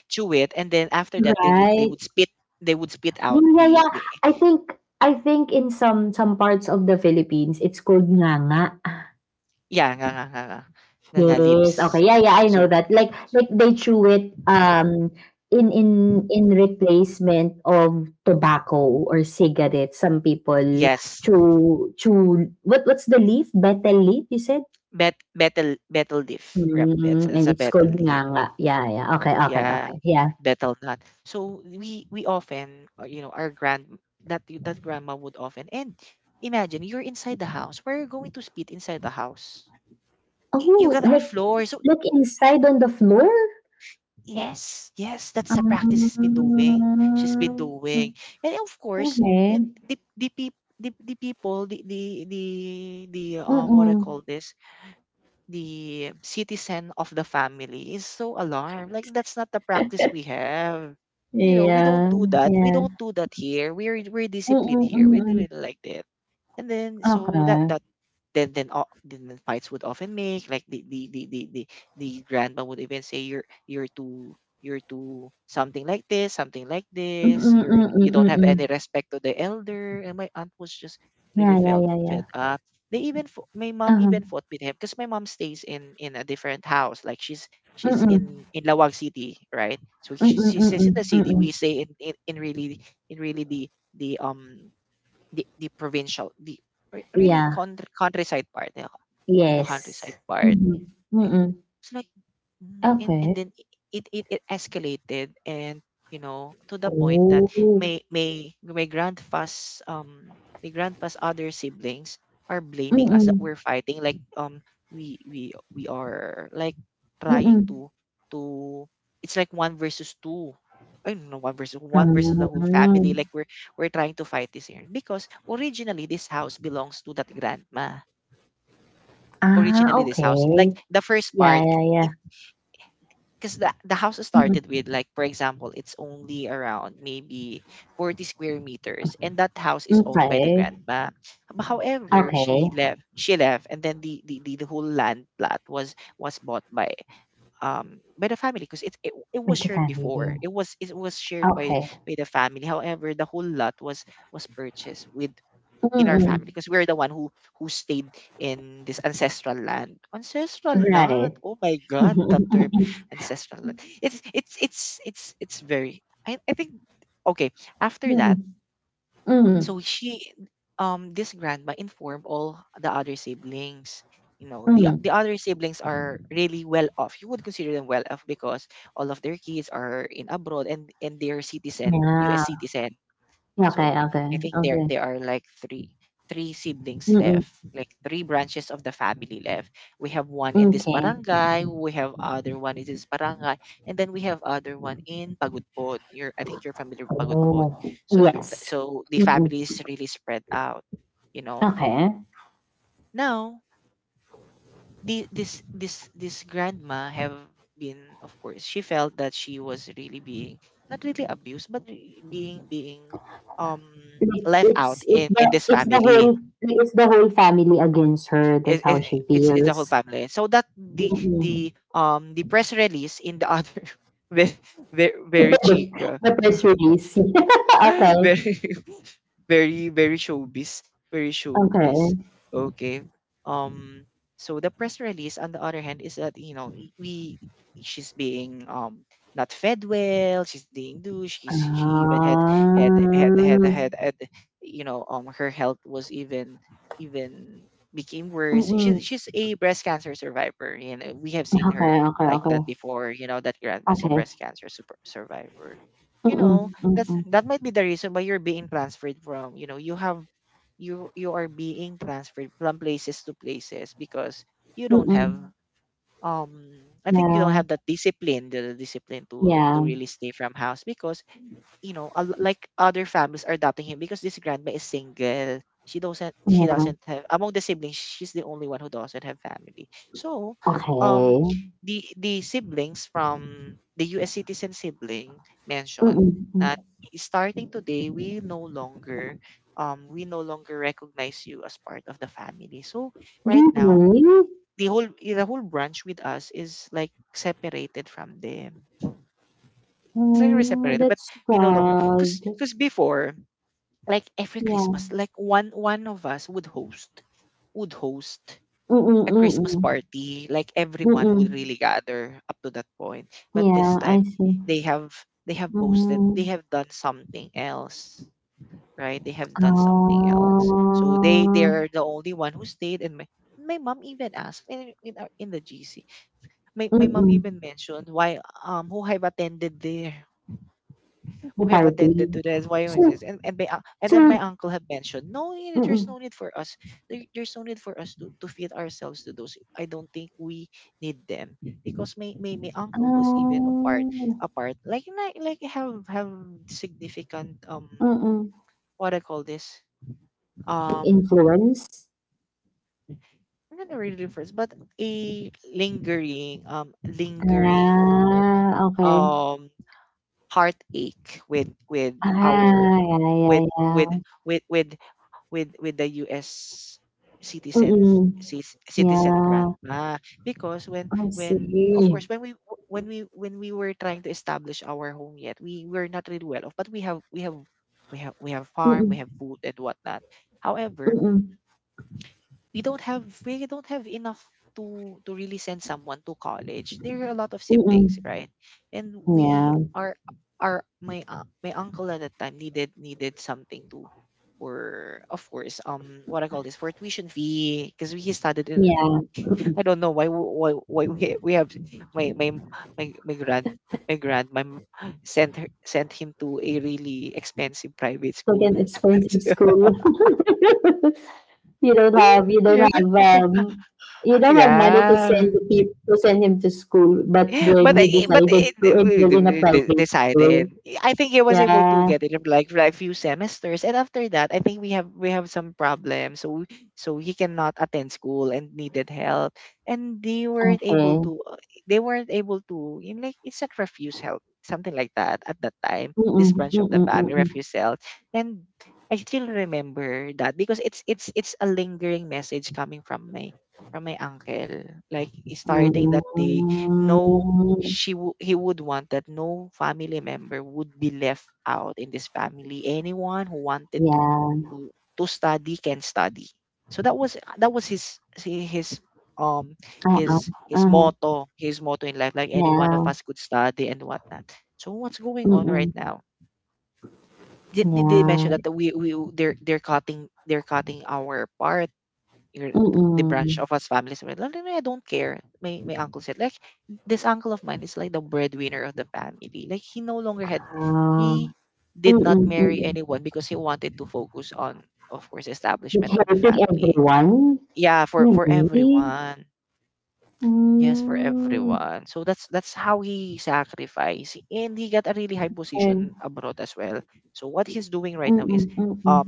S1: Chew it, and then after that they would—
S2: right?
S1: they would spit
S2: Yeah,
S1: out
S2: yeah, yeah.
S1: the—
S2: I think in some parts of the Philippines, it's called nganga.
S1: Yeah, nga nga nga nga nga nga leaves.
S2: Yes, okay.
S1: So,
S2: Yeah, yeah, I
S1: so
S2: know that. Like they chew it in in replacement of tobacco or cigarette. Some people
S1: yes.
S2: chew chew what what's the leaf? Betel leaf, you said?
S1: Betel leaf. It's
S2: Mm, and
S1: a
S2: it's
S1: betel
S2: called
S1: leaf.
S2: nganga. Yeah, yeah. Okay, okay,
S1: Yeah,
S2: okay. Yeah.
S1: betel nut. So we often, our grand— that grandma would often, and imagine you're inside the house. Where are you going to spit inside the house? You
S2: Oh,
S1: got our floor. So,
S2: like inside on the floor?
S1: yes, yes, that's a
S2: Um,
S1: practice she's been doing. She's been doing. And of course, eh,
S2: okay.
S1: the people, the what I
S2: Mm-mm.
S1: call this, the citizen of the family is so alarmed. Like, that's not the practice we have. You know, we don't
S2: Yeah,
S1: do that. We
S2: yeah.
S1: don't do that here. We're disciplined here. We do
S2: Mm-mm-mm.
S1: it like that. And then,
S2: Okay.
S1: that then the fights would often make like the grandma would even say you're— you're too something like this,
S2: Mm, mm,
S1: you
S2: mm,
S1: don't have any
S2: mm.
S1: respect to the elder. And my aunt was just really
S2: Yeah, yeah,
S1: felt
S2: yeah, yeah.
S1: fed up. They even my mom
S2: Uh-huh.
S1: even fought with him, because my mom stays in a different house. Like, she's
S2: Mm, mm,
S1: in Lawag City, right? So
S2: mm, mm,
S1: she stays in the
S2: mm,
S1: city.
S2: mm.
S1: We stay in really— the the um the provincial, really
S2: Yeah.
S1: countryside part, the countryside
S2: Yes.
S1: part
S2: Mhm.
S1: it-
S2: Mm.
S1: it's like, and then
S2: Okay.
S1: it escalated, and, you know, to the point that
S2: Oh.
S1: my grandpa's— other siblings are blaming us that
S2: Mm.
S1: we're fighting. Like, we are like trying
S2: Mm.
S1: to— it's like one versus two. I don't know, one versus the whole family.
S2: Mm.
S1: Like, we're trying to fight this here because originally this house belongs to that grandma.
S2: Ah,
S1: Originally this house, like
S2: okay.
S1: the first
S2: Yeah,
S1: part,
S2: yeah, yeah.
S1: because the— house
S2: Mm.
S1: started with, like, for example, it's only around maybe 40 square meters, and that house is owned by the
S2: Okay.
S1: grandma. But however,
S2: Okay.
S1: she left. She left. And then the— the whole land plot was bought by, the family, because it was
S2: With the
S1: shared
S2: family.
S1: before. It was it was shared by
S2: Okay.
S1: the family. However, the whole lot was purchased with in our family,
S2: Mm.
S1: because we're the one who stayed in this ancestral land. Ancestral
S2: Right.
S1: land. Oh my god, that term, ancestral land, it's very— I think, okay, after
S2: Mm.
S1: that,
S2: Mm.
S1: so she this grandma informed all the other siblings. You know,
S2: Mm.
S1: the other siblings are really well off. You would consider them well off because all of their kids are in abroad, and they are citizen,
S2: Yeah.
S1: US citizen.
S2: Okay,
S1: So
S2: okay,
S1: I think there
S2: okay.
S1: are like three siblings
S2: Mm.
S1: left, like three branches of the family left. We have one in this
S2: Okay.
S1: barangay, we have other one in this barangay, and then we have other one in Pagudpod. You're I think you're familiar with Pagudpod.
S2: Oh.
S1: So
S2: Yes.
S1: the
S2: Mm-mm.
S1: family is really spread out, you know.
S2: Okay.
S1: Now the, this grandma have been, of course she felt that she was really being, not really abused but being um
S2: Like,
S1: left out
S2: it's it's
S1: in
S2: the
S1: this
S2: it's the
S1: family.
S2: whole like, it's the whole family against her. That's
S1: it,
S2: how
S1: it,
S2: she
S1: it's a whole
S2: feels.
S1: family, so that the
S2: Mm-mm.
S1: the um the press release in the other very very chic,
S2: The press release. Okay.
S1: very very showbiz, very
S2: Okay.
S1: showbiz Okay. um so the press release on the other hand is that, you know, we, she's being, not fed well, she's being douche, she even had
S2: Ah.
S1: had, you know, her health was even even became worse.
S2: Mm-mm.
S1: She's a breast cancer survivor, you know. We have seen her
S2: Okay, okay,
S1: like
S2: okay.
S1: that before. You know, that grandma's a
S2: Okay.
S1: breast cancer super survivor, you
S2: Mm-mm.
S1: know. That's,
S2: Mm-mm.
S1: that might be the reason why you're being transferred from, you know, you you are being transferred from places to places, because you don't have,
S2: Mm-mm.
S1: um I think you don't
S2: Yeah.
S1: have that discipline to
S2: Yeah.
S1: really stay from house. Because you know, like other families are adopting him, because this grandma is single. She doesn't, she
S2: Yeah.
S1: doesn't have among the siblings, she's the only one who doesn't have family. So, um
S2: Okay.
S1: the siblings from the US citizen sibling mentioned
S2: Mm-mm.
S1: that
S2: Mm.
S1: starting today we no longer, we no longer recognize you as part of the family. So right now
S2: Really?
S1: the whole branch with us is like separated from them. It's like we're
S2: Oh,
S1: separated, but
S2: that's
S1: we no longer,
S2: sad.
S1: because before, like every
S2: Yeah.
S1: Christmas, like one of us would host
S2: Mm,
S1: a
S2: mm,
S1: Christmas
S2: mm.
S1: party. Like everyone would
S2: Mm.
S1: really gather up to that point. But this
S2: Yeah, I
S1: time
S2: see.
S1: they have, they have posted they
S2: Mm.
S1: have done something else. Right? They have done something else. So they
S2: Ah.
S1: are the only one who stayed. And my mom even asked in in the GC. My my mom
S2: Mm.
S1: even mentioned why, who have attended there, who
S2: The
S1: have attended
S2: party.
S1: to this, why is
S2: So
S1: this? And then
S2: so
S1: my uncle have mentioned, there's
S2: mm.
S1: no need for us, there's no need for us to feed ourselves to those. I don't think we need them. Because my uncle was even apart
S2: Oh.
S1: apart like have significant,
S2: Mm.
S1: what I call this, um
S2: Influence?
S1: not really difference but a lingering,
S2: Ah, okay.
S1: um heartache with
S2: Ah,
S1: our
S2: yeah,
S1: with
S2: yeah,
S1: with
S2: yeah.
S1: with with with the US citizens,
S2: Mm.
S1: citizen grant.
S2: Yeah.
S1: Ah, because
S2: I
S1: when, of
S2: see.
S1: course, when we were trying to establish our home, yet we were not really well off, but we have, we have farm, we
S2: Mm.
S1: have food and whatnot. However,
S2: Mm.
S1: we don't have, we don't have enough to really send someone to college. There are a lot of siblings,
S2: Mm.
S1: right? And
S2: Mm.
S1: we
S2: Yeah.
S1: are our, my uncle at that time needed, needed something to, for, of course, what I call this, for tuition fee, because he studied in
S2: Yeah.
S1: I don't know why we have, my my my grand my grand my m- sent sent him to a really expensive private
S2: Like
S1: school.
S2: an
S1: That's—
S2: expensive school. you don't have you don't
S1: yeah,
S2: have you don't have money to send
S1: yeah.
S2: the peop to send him to school, but then
S1: But
S2: you
S1: I, but
S2: decided
S1: it,
S2: to
S1: we
S2: enroll in a
S1: d- d-
S2: private
S1: decided.
S2: school.
S1: I think he was able to
S2: Yeah.
S1: get it in like for a few semesters, and after that, I think we have, we have some problems. So, so he cannot attend school and needed help, and they weren't
S2: Okay.
S1: able to. They weren't able to. You know, like it's not refuse help, something like that at that time.
S2: Mm-mm,
S1: This branch of the
S2: mm-mm,
S1: family
S2: mm-mm.
S1: refuse help, and I still remember that, because it's, a lingering message coming from my, from my uncle. Like starting that day, no
S2: Mm,
S1: he would want that no family member would be left out in this family. Anyone who wanted to
S2: yeah.
S1: to study can study. So that was, that was his, um
S2: Uh-uh.
S1: his
S2: Uh-huh.
S1: motto, his motto in life. Like any one of
S2: Yeah.
S1: us could study and whatnot. So what's going on right
S2: Mm-mm.
S1: now? Did they
S2: Yeah.
S1: mention that they're cutting, they're cutting our part, your, the
S2: Mm-mm.
S1: branch of us families were like, "No, I don't care." My uncle said, like, this uncle of mine is like the breadwinner of the family. Like he no longer had,
S2: Uh,
S1: he did not
S2: mm-mm,
S1: marry
S2: mm-mm.
S1: anyone because he wanted to focus on, of course,
S2: But
S1: establishment of the
S2: helping
S1: family.
S2: everyone?
S1: Yeah, for
S2: Really?
S1: everyone. Yes, for
S2: Mm.
S1: everyone. So that's how he sacrificed, and he got a really high
S2: Ừm,
S1: position abroad as well. So what he's doing right
S2: ừm,
S1: now
S2: ừm,
S1: is,
S2: ừm, ừm,
S1: um,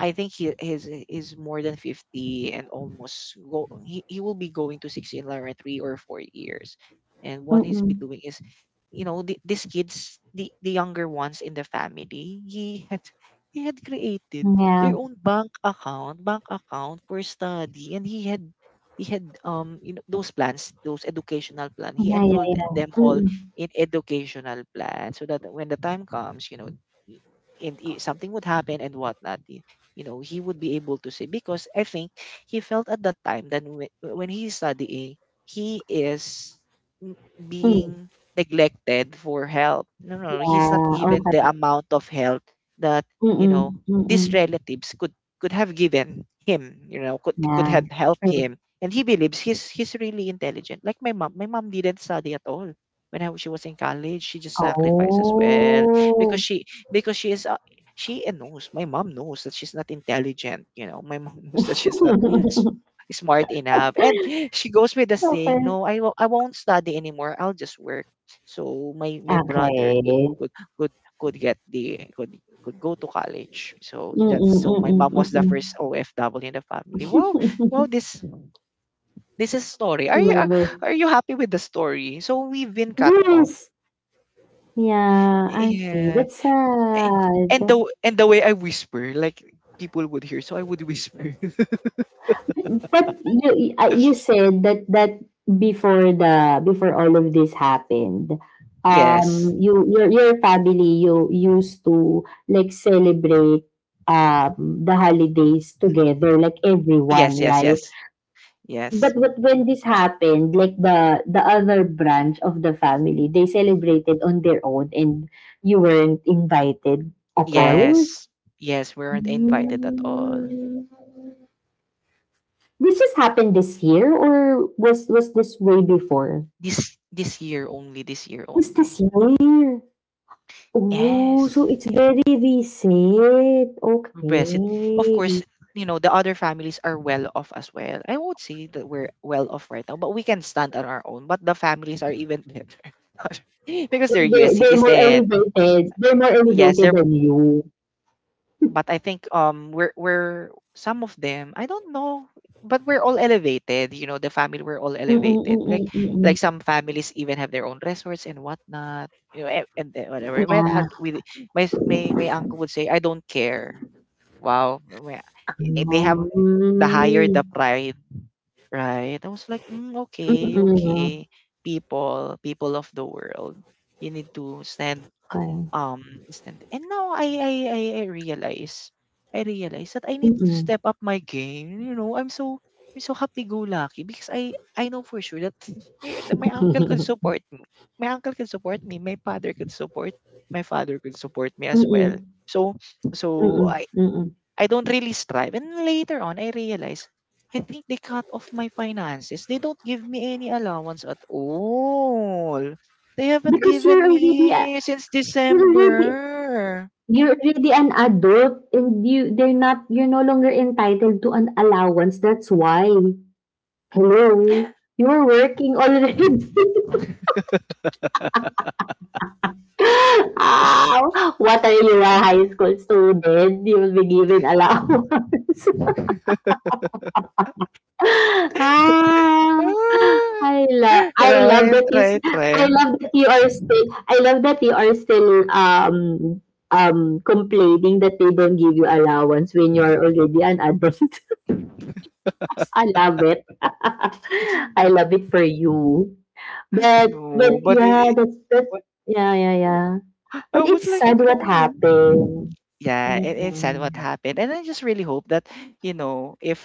S1: I think he is more than 50 and almost go. He will be going to 60 in like 3 or 4 years, and
S2: ừm,
S1: what he's
S2: ừm,
S1: been doing is, you know, these kids, the younger ones in the family, he had, he had created
S2: yeah,
S1: their own bank account for study, and he had, he had, you know, those plans, those educational plan, he
S2: yeah, yeah,
S1: enrolled them
S2: yeah. Ừm,
S1: all
S2: ừm,
S1: in educational plan, so that when the time comes, you know, i- something would happen and whatnot. You know, he would be able to say, because I think he felt at that time that when he's studying he is,
S2: ừm,
S1: being neglected for help. No, no, no, he's not
S2: yeah,
S1: given the
S2: okay.
S1: amount of help that,
S2: Ừm,
S1: you
S2: ừm,
S1: know,
S2: ừm,
S1: these
S2: ừm,
S1: relatives could have given him. You know, could
S2: yeah,
S1: have helped
S2: true.
S1: him. And he believes he's really intelligent. Like my mom didn't study at all when she was in college. She just sacrificed as well, because
S2: Oh.
S1: she, because she is. She knows, my mom knows that she's not intelligent. You know, my mom knows that she's not s- smart enough. And she goes with the saying,
S2: Okay.
S1: no, I won't study anymore, I'll just work, so my brother
S2: Okay.
S1: could, could get the could go to college. So
S2: Mm,
S1: that's,
S2: mm,
S1: so
S2: mm,
S1: my
S2: mm,
S1: mom
S2: mm,
S1: was the
S2: mm.
S1: first OFW in the family. Wow, wow, this is story.
S2: Love it.
S1: Are you happy with the story? So we've been cut off.
S2: Yes. Yeah, I see.
S1: Yeah.
S2: That's
S1: And, and
S2: sad.
S1: the and the way I whisper, like people would hear, so I would whisper.
S2: But you you said that that before the before all of this happened,
S1: Yes.
S2: you your family you used to like celebrate the holidays together, like
S1: Yes,
S2: everyone,
S1: yes,
S2: right?
S1: yes. Yes.
S2: But when this happened, like the other branch of the family, they celebrated on their own, and you weren't invited at all.
S1: Yes. Yes, we weren't invited at all.
S2: Mm. This just happened this year, or was this way before?
S1: This year only, this year
S2: Was this
S1: only.
S2: year? Oh,
S1: Yes.
S2: so it's very recent.
S1: Best. It, of course,
S2: Okay.
S1: you know, the other families are well off as well. I won't say that we're well off right now, but we can stand on our own. But the families are even better, because they're
S2: Like, they,
S1: U.S.
S2: they're more
S1: citizen.
S2: elevated. They're more
S1: Yes,
S2: elevated
S1: they're.
S2: than you.
S1: But I think, we're, some of them I don't know, but we're all elevated. You know, the family, we're all elevated. Like
S2: Mm-mm-mm-mm-mm.
S1: like some families even have their own resorts and whatnot. You know, and whatever.
S2: Yeah.
S1: With my uncle would say, I don't care. Wow, we— eh, they have the higher the
S2: Mm.
S1: pride, right? I was like, mm, okay,
S2: Mm-mm.
S1: okay, people, people of the world, you need to stand,
S2: Okay.
S1: um, stand. And now I realize that I need to
S2: Mm-mm.
S1: step up my game. You know, I'm so happy-go-lucky, because I know for sure that eh, that my uncle could support me. My uncle could support me. My father could support. My father could support me as
S2: Mm-mm.
S1: well. So, so
S2: Mm-mm. Mm-mm.
S1: I don't really strive. And later on, I realized, I think they cut off my finances. They don't give me any allowance at all. They haven't
S2: Because you're
S1: given
S2: already,
S1: me since
S2: you're already,
S1: December.
S2: you're already an adult and you they're not you're no longer entitled to an allowance, that's why. Hello? You're working already. Ow! What are you, a high school student? You will be given allowance. Ah,
S1: Ah,
S2: I love I love
S1: right,
S2: that you s-
S1: right,
S2: I
S1: right.
S2: love that you are still I love that you are still complaining that they don't give you allowance when you are already an adult. I love it. I love it for you. But
S1: No, but it,
S2: yeah,
S1: it-
S2: that's that. Yeah, yeah, yeah. But
S1: I was
S2: it's
S1: like,
S2: sad what
S1: no, no.
S2: happened.
S1: Yeah, it, it's sad
S2: Mm-mm.
S1: what
S2: Yeah.
S1: happened. And I just really hope that, you know, if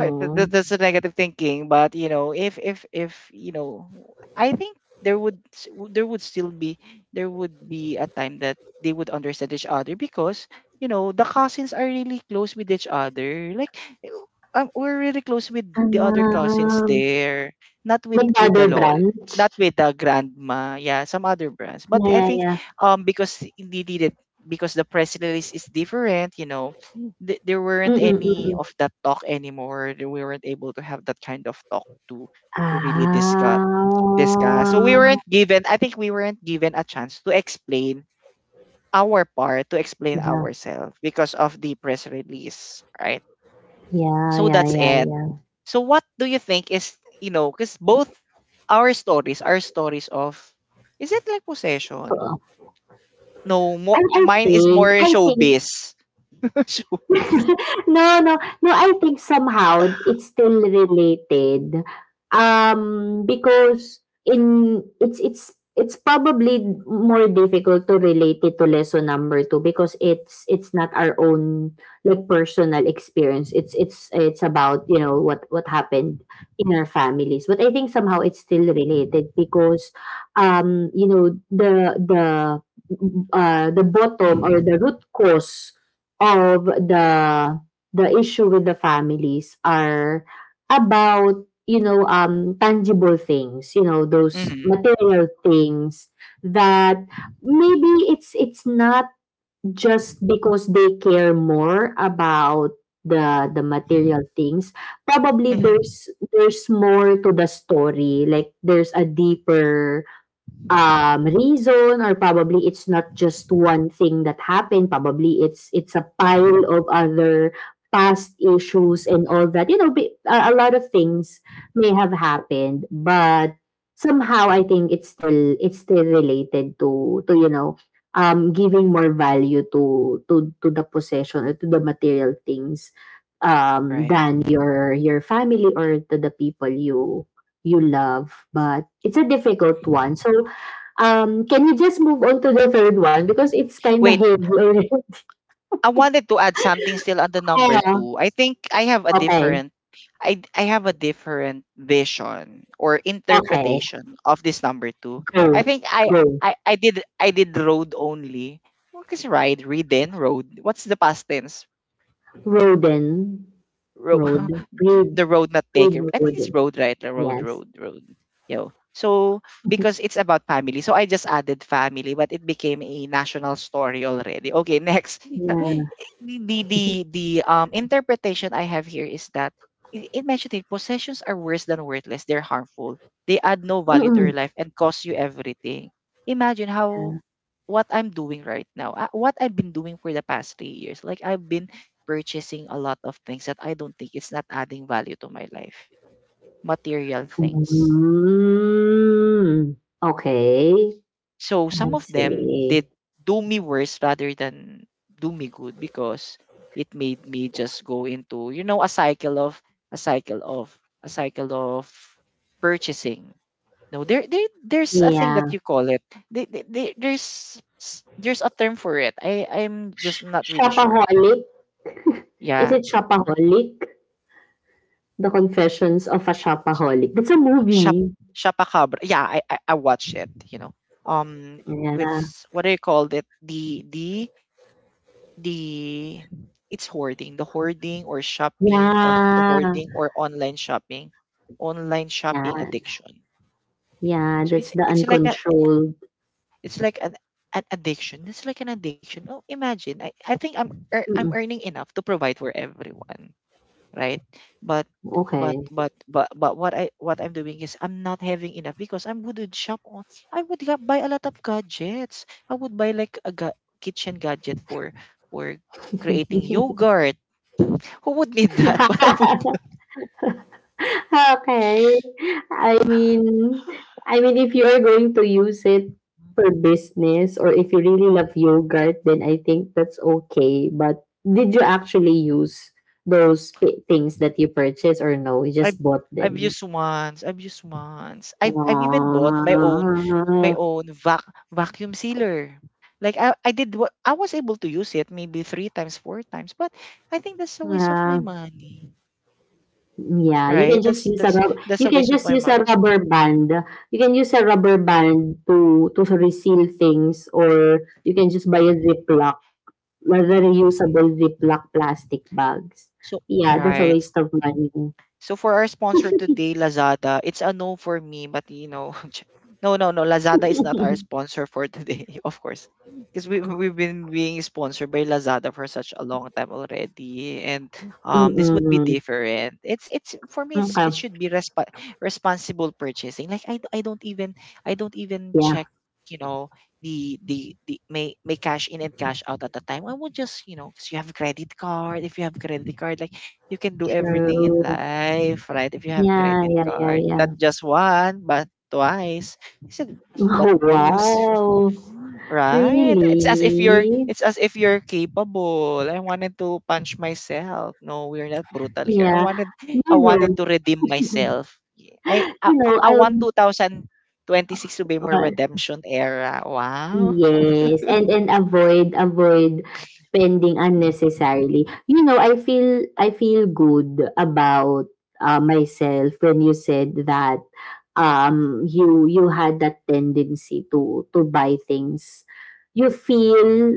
S1: that's a negative thinking, but you know, if you know, I think there would there would still be, there would be a time that they would understand each other, because you know the cousins are really close with each other. Like eh, we're really close with the other cousins
S2: Um,
S1: there, not with the
S2: McDowell
S1: lol,
S2: branch.
S1: not with the grandma, yeah, some other brands. But
S2: Yeah,
S1: I
S2: yeah,
S1: think,
S2: yeah.
S1: um, because they did it, because the press release is different. You know, there weren't
S2: Mm-mm,
S1: any of
S2: mm-mm.
S1: that talk anymore. We weren't able to have that kind of talk to really
S2: Ah.
S1: discuss. So we weren't given. I think we weren't given a chance to explain our part, to explain
S2: Yeah,
S1: ourselves because of the press release, right?
S2: yeah,
S1: So
S2: yeah,
S1: that's
S2: yeah,
S1: it.
S2: yeah.
S1: So what do you think is because both our stories are stories of, is it like
S2: Oo.
S1: possession? No, more mine is more
S2: I think
S1: showbiz. Showbiz.
S2: no, no. No, I think somehow it's still related. Because in it's probably more difficult to relate it to lesson number two because it's not our own like personal experience. It's it's about you know what happened in our families. But I think somehow it's still related because you know the the bottom or the root cause of the issue with the families are about, you know, tangible things, you know, those
S1: Mm-hmm.
S2: material things that maybe it's not just because they care more about the material things. Probably
S1: Mm-hmm.
S2: there's more to the story, like there's a deeper reason or probably it's not just one thing that happened probably it's a pile of other past issues and all that you know be, a lot of things may have happened but somehow I think it's still related to you know giving more value to the possession or to the material things
S1: Right.
S2: than your family or to the people you you love but it's a difficult one so can you just move on to the third one because it's kinda
S1: Wait,
S2: heavy already.
S1: I wanted to add something still on the number
S2: Yeah.
S1: two. I think I have a
S2: Okay,
S1: different I I have a different vision or
S2: okay.
S1: interpretation of this number two. I
S2: Go,
S1: think I
S2: go.
S1: I, I did I did road only. What is ride? Read, then road. What's the past tense?
S2: Rodent,
S1: Road.
S2: road, read,
S1: The road not
S2: read
S1: taken. I think it's
S2: rodent.
S1: road, right? The road,
S2: Yes.
S1: road, road. Yo. So because it's about family, so I just added family, but it became a national story already. Okay, next. the
S2: Yeah.
S1: the the the, um interpretation I have here is that it mentioned it, possessions are worse than worthless. They're harmful. They add no value to your
S2: Mm.
S1: life and cost you everything. Imagine how, what I'm doing right now, what I've been doing for the past 3 years. Like I've been purchasing a lot of things that I don't think it's not adding value to my life, material things.
S2: Mm. Okay,
S1: So
S2: I
S1: some of them
S2: see.
S1: did do me worse rather than do me good because it made me just go into, a cycle of a cycle of a cycle of purchasing. No, there's a thing that
S2: Yeah.
S1: you call it. There's a term for it. I'm just not really sure.
S2: Shopaholic? Is
S1: Yeah,
S2: it Shopaholic? The Confessions of a Shopaholic. That's a
S1: Shap
S2: movie.
S1: Shapacabra. Yeah, I watched it. With
S2: Yeah.
S1: what do you call it? The it's hoarding, the hoarding or shopping on the
S2: Yeah.
S1: hoarding or online
S2: Yeah.
S1: shopping addiction.
S2: Yeah,
S1: So
S2: that's
S1: it's
S2: the
S1: it's like a
S2: uncontrolled
S1: it's like an addiction. It's like an addiction. Oh, imagine. I think I'm
S2: mm,
S1: earning enough to provide for everyone. Right, but but
S2: okay.
S1: but but but what I'm doing is I'm not having enough because I am wouldn't shop on, I would buy a lot of gadgets. I would buy like a kitchen gadget for for creating yogurt. Who would need that? But I would.
S2: Okay. I mean I mean, if you are going to use it for business or if you really love yogurt, then I think that's okay. But did you actually use those p- things that you purchased or no? You
S1: I've
S2: just bought
S1: I've
S2: them?
S1: used once. I've used once. I've even bought my own vacuum sealer. Like I did what I was able to use it maybe three times, four times, but I think that's a waste of my
S2: Ah,
S1: money.
S2: yeah, you can
S1: Right?
S2: just
S1: That's
S2: use a
S1: that's that's
S2: you
S1: a
S2: can
S1: waste of
S2: just
S1: my
S2: use a
S1: money.
S2: rubber band. You can use a rubber band to reseal things, or you can just buy a Ziploc, like the
S1: Mm-mm.
S2: reusable Ziploc plastic bags.
S1: So
S2: Yeah, that's a
S1: right.
S2: waste of money.
S1: So for our sponsor today, Lazada, it's a no for me, but no, no, no, Lazada is not our sponsor for today, of course, because we've been being sponsored by Lazada for such a long time already, and this would be
S2: Mm-mm.
S1: different. It's for me, it
S2: Okay.
S1: should be responsible purchasing. Like I don't even
S2: Yeah.
S1: check, you know the may cash in and cash out at the time, I would just, because you have credit card, if you have credit card, like you can do everything in
S2: True.
S1: life, right? If you have
S2: Yeah.
S1: credit
S2: Yeah. Yeah.
S1: card, not
S2: Yeah.
S1: just one, but twice. I said, but
S2: Oh
S1: two,
S2: wow!
S1: right? It's as if you're,
S2: Really?
S1: it's as if you're capable. I wanted to punch myself. No, we're not brutal here. I
S2: Yeah.
S1: wanted,
S2: You
S1: I wanted
S2: know,
S1: to redeem myself. I, I,
S2: you know,
S1: I want 2026 to be my
S2: I
S1: redemption era. Wow.
S2: yes, and avoid avoid spending unnecessarily. I feel good about myself when you said that you had that tendency to buy things you feel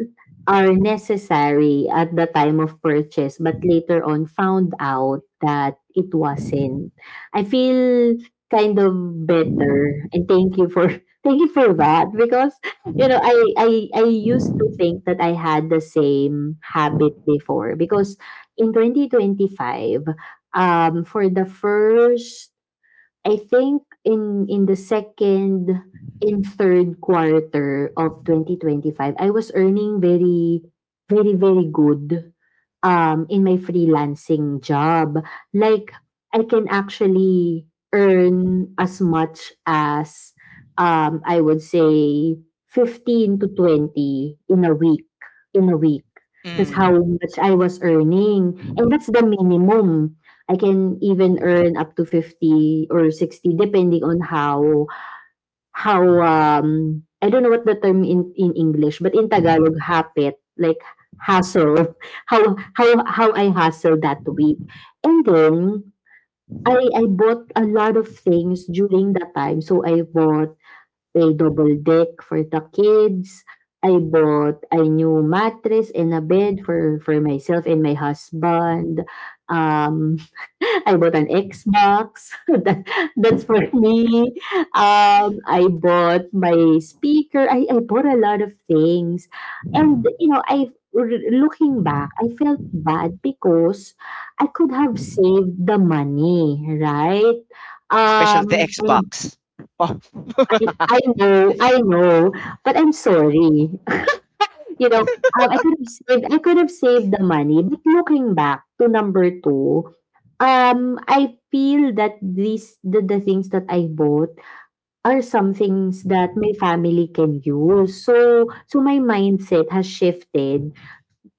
S2: are necessary at the time of purchase, but later on found out that it wasn't. I feel kind of better, and thank you for thank you for that because I used to think that I had the same habit before because in 2025, for the first, I think, in the second and third quarter of 2025, I was earning very, very, very good in my freelancing job. Like, I can actually earn as much as, I would say, 15 to 20 in a week. In a week. That's how
S1: Mm.
S2: much I was earning. And that's the minimum. I can even earn up to 50 or 60 depending on how I don't know what the term in English, but in Tagalog hapit, like hustle. How I hustle that week. And then I bought a lot of things during that time, so I bought a double deck for the kids. I bought a new mattress and a bed for myself and my husband. um I bought an Xbox. That's for me. I bought my speaker. I bought a lot of things. And, you know, I looking back, I felt bad because I could have saved the money, right?
S1: Special the
S2: And
S1: Xbox. Oh.
S2: I, I know, I know, but I'm sorry. I could have saved the money. But looking back to number two, I feel that the things that I bought are some things that my family can use. So my mindset has shifted,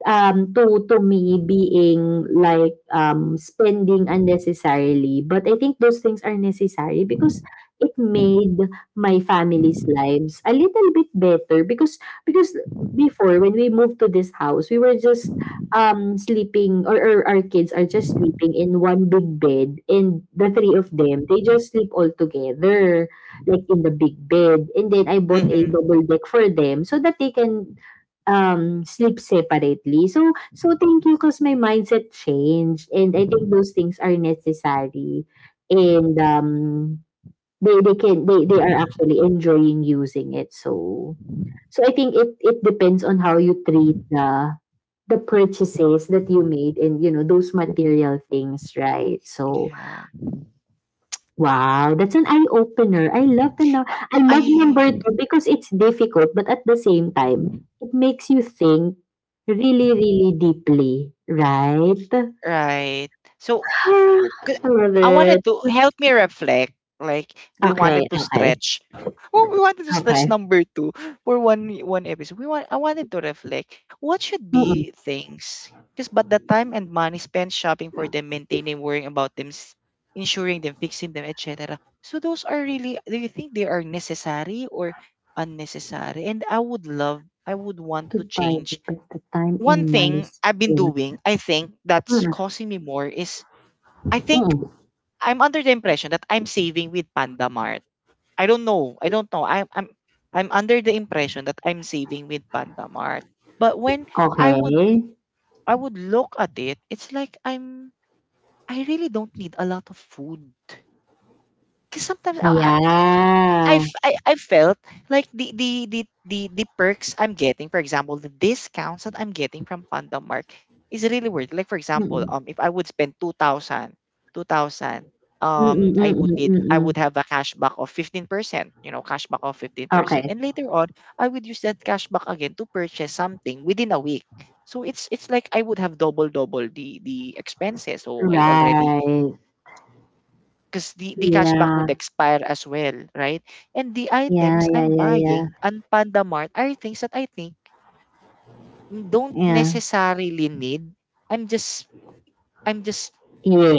S2: to me being like, spending unnecessarily, but I think those things are necessary because it made my family's lives a little bit better, because before, when we moved to this house, we were just, sleeping, or our kids are just sleeping in one big bed, and the three of them, they just sleep all together, like in the big bed, and then I bought a
S1: Hmm.
S2: double deck for them so that they can sleep separately. So thank you, because my mindset changed and I think those things are necessary, and, they can they are actually enjoying using it. So I think it depends on how you treat the purchases that you made, and, you know, those material things, right? So
S1: Yeah.
S2: wow, that's an eye opener. I love the no- I
S1: I
S2: love number two because it's difficult, but at the same time, it makes you think really, really deeply, right?
S1: Right. So 'cause
S2: I love
S1: I wanted
S2: it.
S1: to help me reflect. Like we
S2: Okay,
S1: wanted to
S2: okay,
S1: stretch. Oh, we wanted to
S2: okay.
S1: stretch number two for one episode. We want. I wanted to reflect. What should
S2: Mm-mm.
S1: be things? Because but the time and money spent shopping for them, maintaining, worrying about them, insuring them, fixing them, etc. So those are really. Do you think they are necessary or unnecessary? And I would love. I would want
S2: To
S1: to
S2: buy
S1: change
S2: it, the time
S1: one
S2: and money
S1: thing I've been
S2: spent.
S1: doing, I think that's
S2: Mm,
S1: causing me more is, I think
S2: mm.
S1: I'm under the impression that I'm saving with Panda Mart. I don't know. I don't know. I'm under the impression that I'm saving with Panda Mart. But when I would
S2: Okay.
S1: I would look at it, it's like I really don't need a lot of food. 'Cause sometimes I, I've
S2: Yeah.
S1: I, I felt like the perks I'm getting, for example, the discounts that I'm getting from Pandamark is really worth it. Like for example,
S2: Mm-mm.
S1: if I would spend 2,000, 2,000,
S2: Mm-mm, mm-mm,
S1: I would
S2: mm-mm.
S1: have a cashback of 15%. Cashback of 15%,
S2: Okay.
S1: and later on, I would use that cashback again to purchase something within a week. So it's like I would have double the expenses. So I already,
S2: Right.
S1: because the cashback
S2: Yeah.
S1: would expire as well, right? And the
S2: Yeah.
S1: items
S2: Yeah.
S1: I'm
S2: Yeah.
S1: buying
S2: Yeah.
S1: on Panda Mart are things that I think don't
S2: Yeah.
S1: necessarily need. I'm just I'm just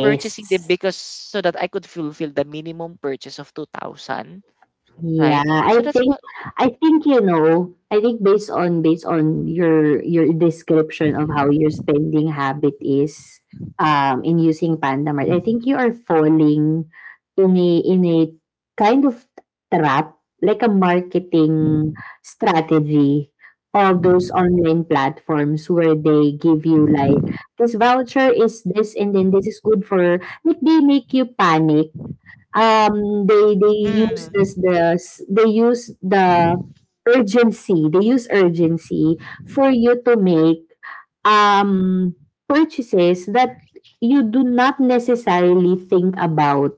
S1: purchasing them because, so that I could fulfill the minimum purchase of 2000,
S2: Yeah.
S1: right? So
S2: I
S1: that's
S2: think
S1: what.
S2: I think I think based on your description of how your spending habit is, in using Pandamart, I think you are falling in a kind of trap, like a marketing strategy of those online platforms where they give you like this voucher is this, and then this is good for, like, they make you panic. They use
S1: Mm,
S2: this this, they use the urgency, they use urgency for you to make um purchases that you do not necessarily think about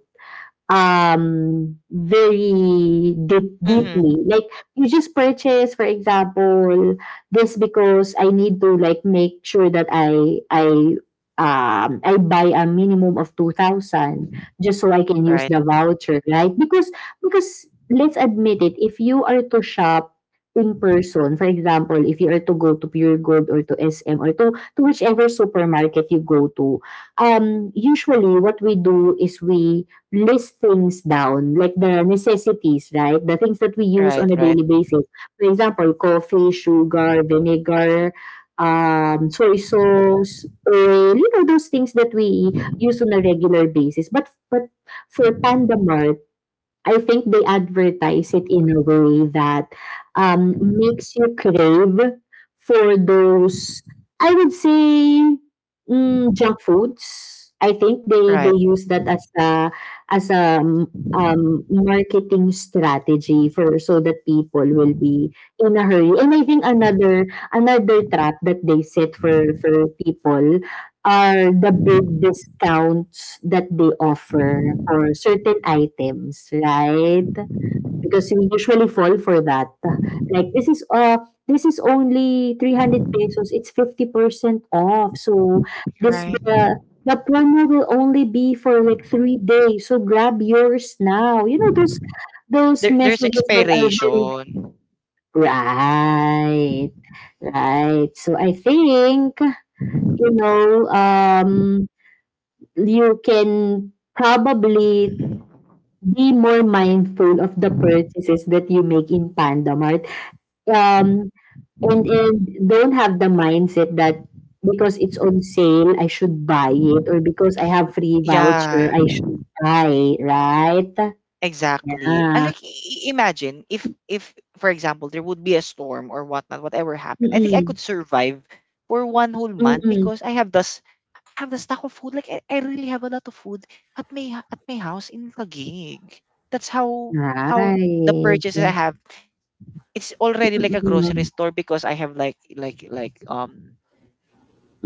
S2: very deep,
S1: mm-hmm.
S2: deeply. Like, you just purchase, for example, this because I need to, like, make sure that I buy a minimum of 2,000 just so I can use
S1: Right,
S2: the voucher, right? Because let's admit it, if you are to shop in person, for example, if you are to go to Pure Gold or to SM or to whichever supermarket you go to, usually what we do is we list things down, like the necessities, right? The things that we use
S1: right,
S2: on a
S1: right,
S2: daily basis. For example, coffee, sugar, vinegar, soy sauce, oil, you know, those things that we use on a regular basis. But for Panda Mart, I think they advertise it in a way that makes you crave for those, I would say, junk foods. I think they
S1: right,
S2: use that as a marketing strategy, for so that people will be in a hurry. And I think another trap that they set for people are the big discounts that they offer for certain items, right? Because we usually fall for that. Like, this is only 300 pesos, it's 50% off. So this
S1: right.
S2: the promo will only be for like 3 days. So grab yours now. You know those
S1: There's
S2: messages that are very.
S1: expiration.
S2: Right. Right. So I think, you know, um you can probably be more mindful of the purchases that you make in Panda Mart. Um, and don't have the mindset that because it's on sale, I should buy it, or because I have free voucher,
S1: Yeah,
S2: I should buy, right?
S1: exactly. And
S2: Yeah.
S1: like imagine if for example there would be a storm or whatnot, whatever happened. I think I
S2: Mm-mm.
S1: could survive for one whole month
S2: Mm-mm.
S1: because I have the stock of food. Like I really have a lot of food at my house in Taguig. That's how the
S2: Right.
S1: purchases I have. It's already like a grocery
S2: Mm-mm.
S1: store because I have like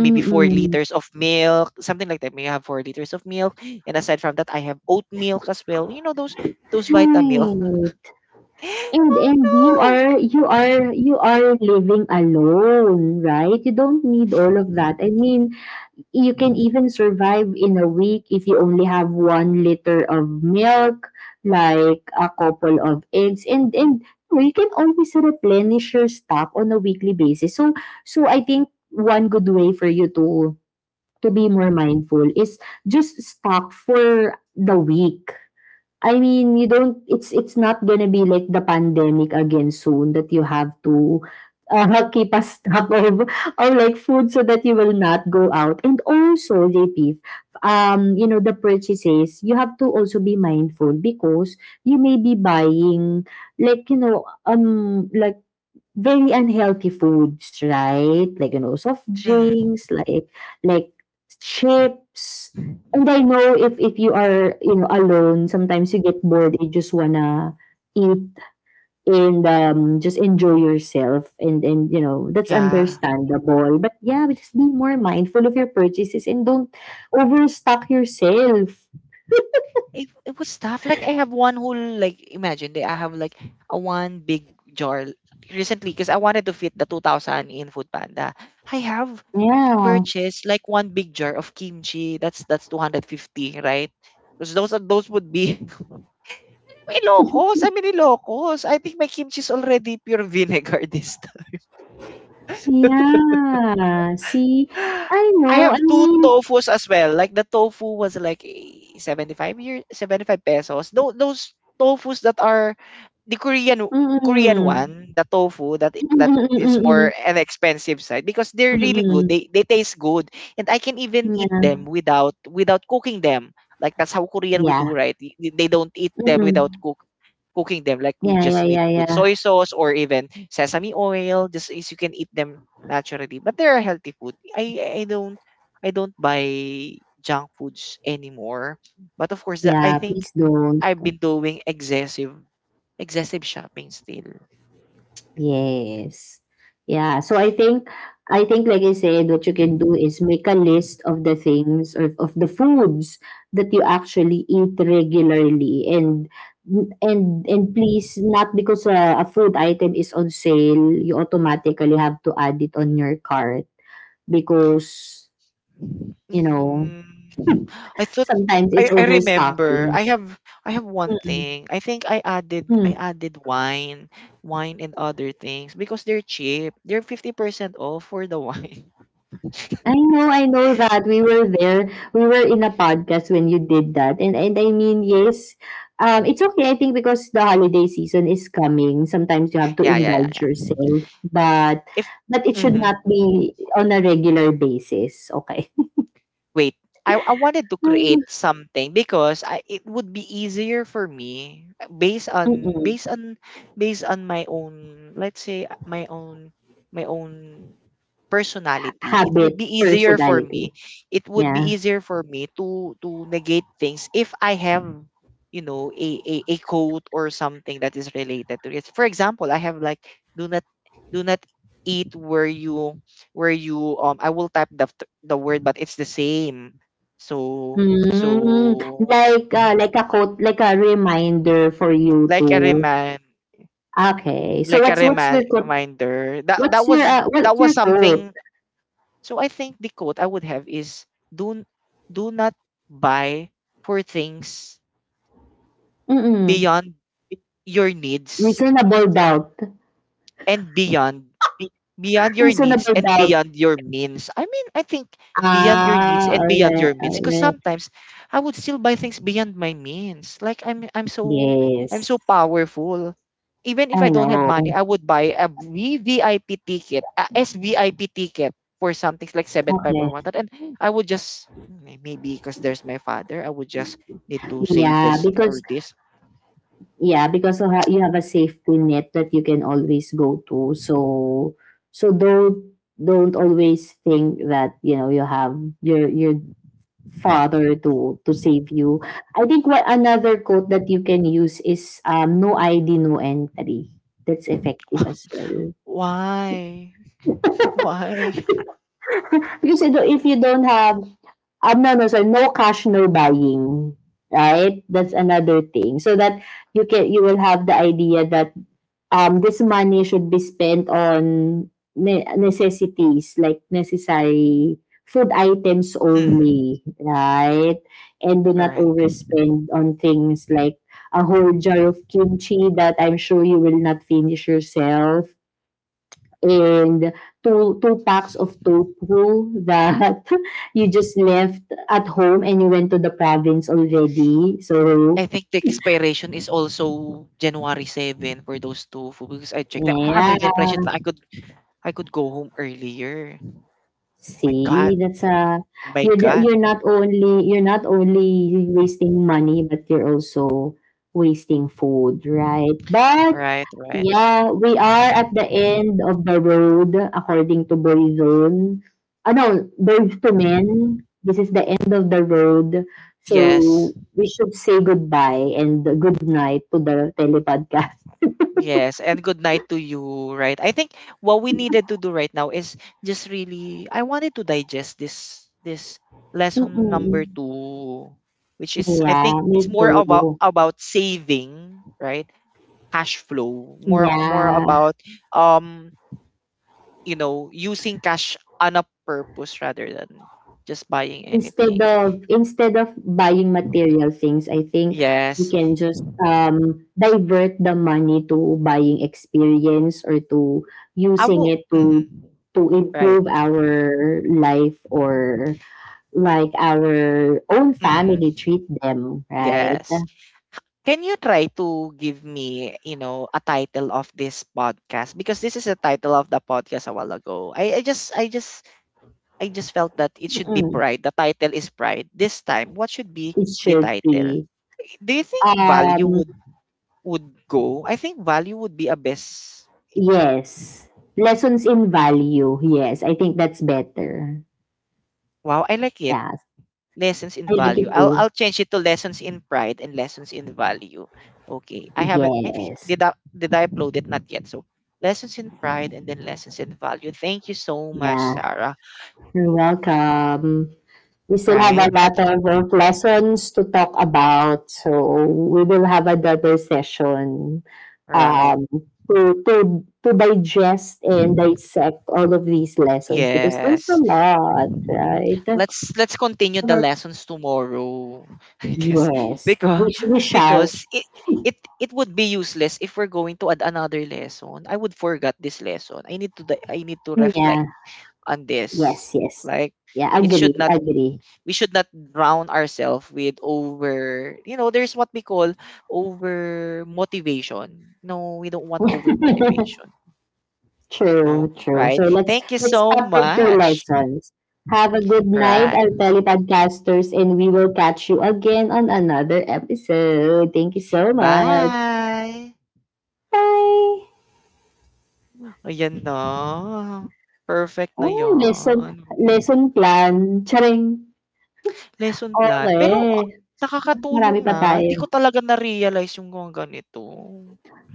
S1: maybe four liters of milk, something like that. Maybe I have 4 liters of milk, and aside from that, I have oat milk as well. You know those vitamin milk.
S2: Right. And
S1: Oh,
S2: and you
S1: no.
S2: are you are you are living alone, right? You don't need all of that. I mean, you can even survive in a week if you only have 1 liter of milk, like a couple of eggs, and you can always replenish your stock on a weekly basis. So I think one good way for you to be more mindful is just stock for the week. I mean, you don't it's not gonna be like the pandemic again soon that you have to, keep a stock of like food so that you will not go out. And also, JP, the purchases, you have to also be mindful because you may be buying, like, like, very unhealthy foods, right? Like, soft
S1: Mhm.
S2: drinks, like chips. And I know if you are, alone, sometimes you get bored. You just wanna eat and just enjoy yourself, and that's
S1: Yeah.
S2: understandable. But yeah, but just be more mindful of your purchases and don't overstock yourself.
S1: It was tough. Like, I have one whole, like, imagine that I have, like, a one big jar recently because I wanted to fit the 2,000 in food panda. I have
S2: Yeah,
S1: purchased, like, one big jar of kimchi. That's 250, right? Because those would be, may locos. I mean, locos. I think my kimchi is already pure vinegar. This.
S2: yeah. See, I
S1: I
S2: know. I
S1: have two
S2: mean.
S1: tofus as well. Like the tofu was like, 75 year 75 pesos. Those tofus that are the Korean
S2: Mm-mm.
S1: one, the tofu that is more an expensive side because they're really good.
S2: Mm,
S1: They taste good, and I can even eat
S2: yeah,
S1: them without cooking them. Like that's how Korean would
S2: yeah,
S1: do, right? They don't eat them without
S2: mm,
S1: cooking them. Like we
S2: yeah, yeah,
S1: just need
S2: yeah,
S1: to put
S2: yeah,
S1: soy sauce or even sesame oil, just as you can eat them naturally. But they are healthy food. I don't buy junk foods anymore. But of course, I
S2: yeah,
S1: think
S2: please don't.
S1: I've been doing excessive shopping still.
S2: Yes. Yeah, so I think like I said, what you can do is make a list of the things or of the foods that you actually eat regularly, and please not because a food item is on sale, you automatically have to add it on your cart, because you know
S1: Mm, I thought.
S2: sometimes it's
S1: I remember
S2: overstocking.
S1: I have one
S2: Mm-mm.
S1: thing. I think I added wine, and other things because they're cheap. They're 50% off for the wine.
S2: I know that we were there. We were in a podcast when you did that, and I mean, yes, it's okay. I think because the holiday season is coming, sometimes you have to
S1: Yeah, yeah, yeah,
S2: indulge
S1: yeah.
S2: yourself, but
S1: If.
S2: but it should not
S1: Mhm.
S2: be on a regular basis. Okay.
S1: Wait, I wanted to create something because, I it would be easier for me, based on,
S2: Mm-mm.
S1: based on my own, let's say, my own personality. It would
S2: Habit,
S1: be easier for
S2: personality.
S1: me. It would be
S2: Yeah.
S1: easier for me to negate things if I have, a a quote or something that is related to it. For example, I have like, do not do not eat where you, I will type the the word, but it's the same. So,
S2: Mm,
S1: so
S2: like uh, like a quote, like a reminder for you
S1: like a
S2: to. Okay. So what's your quote?
S1: reminder that
S2: What's your
S1: was
S2: uh,
S1: that
S2: what's
S1: was
S2: your quote?
S1: something. So I think the quote I would have is, do do not buy, for things
S2: Mm.
S1: beyond your needs,
S2: Reasonable doubt.
S1: and beyond your needs
S2: Reasonable
S1: and
S2: doubt.
S1: beyond your means. I mean, I think beyond your needs
S2: Ah,
S1: and beyond
S2: alright,
S1: your means. Because
S2: alright.
S1: sometimes I would still buy things beyond my means. Like I'm
S2: Yes,
S1: so powerful. Even if I
S2: I
S1: don't have money,
S2: know.
S1: I would buy a VVIP ticket, a SVIP ticket for something like seven five or one.
S2: Okay.
S1: And I would just, maybe because there's my father, I would just need to say
S2: Yeah,
S1: this or
S2: because
S1: this.
S2: yeah, because you have a safety net that you can always go to. So don't always think that, you have your father to save you. I think what another quote that you can use is, "No ID, no entry." That's effective as well.
S1: Why? Why?
S2: Because you don't- if you don't have, no, no, sorry, no cash, no buying, right? That's another thing. So that you will have the idea that this money should be spent on necessities, like necessary food items
S1: Mm,
S2: only, right? And do
S1: all
S2: not
S1: right.
S2: overspend on things like a whole jar of kimchi that I'm sure you will not finish yourself, and two packs of tofu that you just left at home and you went to the province already. So,
S1: I think the expiration is also January 7 for those tofu because I checked. I'm under the
S2: yeah.
S1: impression that I could go home earlier. My
S2: See,
S1: God,
S2: that's a
S1: my
S2: you're the-
S1: God.
S2: you're not only wasting money, but you're also wasting food, right? But
S1: Right, right.
S2: yeah, we are at the end of the road, according to Burizon. Ah, no, Birds to Men, this is the end of the road. So,
S1: Yes,
S2: we should say goodbye and good night to the telepodcast.
S1: yes. And good night to you. Right. I think what we needed to do right now is just really, I wanted to digest this lesson number
S2: Mm-mm.
S1: two, which is, I
S2: Yeah,
S1: think
S2: me
S1: it's more about
S2: too.
S1: about saving, right? Cash flow. More
S2: Yeah.
S1: about, um using cash on a purpose rather than just buying
S2: Instead
S1: anything.
S2: of instead of buying material things, I think we
S1: Yes.
S2: can just, divert the money to buying experience, or to
S1: I
S2: using
S1: will.
S2: it to
S1: Mhm.
S2: to
S1: Right.
S2: improve our life, or like our own family,
S1: Hmm.
S2: treat them, right?
S1: Yes. Can you try to give me, a title of this podcast? Because this is the title of the podcast a while ago. I just felt that it should be
S2: Mm,
S1: pride. The title is pride. This time, what should be
S2: it
S1: the
S2: should
S1: title?
S2: be.
S1: Do you think value
S2: Um,
S1: would go? I think value would be a best.
S2: yes. Lessons in value. Yes, I think that's better.
S1: Wow, I like it.
S2: Yes.
S1: Lessons in
S2: I like
S1: value.
S2: it
S1: I'll
S2: too.
S1: I'll change it to lessons in pride and lessons in value. Okay. I haven't I think
S2: Yes.
S1: did I upload it? Not yet. So lessons in pride and then lessons in value. Thank you so much,
S2: Yeah.
S1: Sarah.
S2: You're welcome. We still have
S1: Right?
S2: a
S1: And
S2: lot of work lessons to talk about, so we will have another session,
S1: right.
S2: um, to digest and dissect all of these lessons because there's a
S1: Yes.
S2: lot, right?
S1: Let's continue the
S2: But
S1: lessons tomorrow. I guess.
S2: yes,
S1: Because
S2: we shall.
S1: because it it would be useless if we're going to add another lesson. I would forget this lesson. I need to reflect
S2: Yeah,
S1: on this.
S2: yes, yes.
S1: Like
S2: Yeah,
S1: it
S2: agree,
S1: should not
S2: agree.
S1: we should not drown ourselves with over, there's what we call over motivation. No, we don't want over motivation. No,
S2: True, true.
S1: right?
S2: So let's
S1: Thank you
S2: let's
S1: so
S2: start with two
S1: much.
S2: lessons. Have a good night,
S1: Right.
S2: our telepodcasters, and we will catch you again on another episode. Thank you so much.
S1: Bye.
S2: Bye.
S1: Ayan na. Perfect na
S2: Oh, lesson,
S1: yan.
S2: lesson plan. Charing.
S1: Lesson plan. Pero
S2: Okay. Marami
S1: nakakatulong
S2: pa
S1: nga. Hindi ko
S2: tayo.
S1: talaga na-realize yung mga ganito.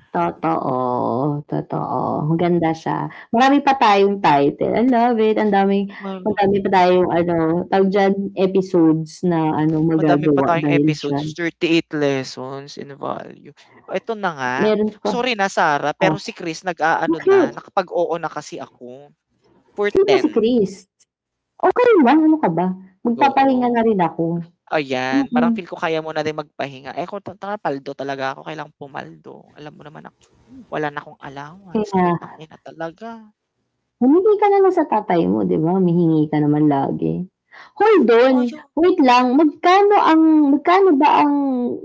S2: Totoo. Totoo. Maganda siya. Marami pa tayong title. I love it. Ang daming, madami pa tayong, ano, tawag dyan, episodes na, ano,
S1: Madami pa
S2: magagawa
S1: tayong
S2: dahil
S1: episodes,
S2: dyan.
S1: 38 lessons in value. Eto na nga,
S2: Meron pa.
S1: sorry na Sarah, pero
S2: Oh,
S1: si Chris nag-aano
S2: bakit?
S1: na, nakapag-oo na kasi ako for
S2: Sino ba si
S1: 10.
S2: Chris? Okey lang, ano ka ba? Magpapahinga
S1: Nag-oo,
S2: na rin ako.
S1: ayan. Parang
S2: Mm,
S1: feel ko kaya mo na rin magpahinga. Eh, ako ta tanga, paldo talaga ako, kailangan pumaldo. Alam mo naman ako, wala na akong allowance, putang
S2: kaya
S1: ina talaga.
S2: humingi ka na lang sa tatay mo, 'di ba, humihingi ka naman lagi. Hold on,
S1: Oh, yung
S2: wait lang, magkano ba ang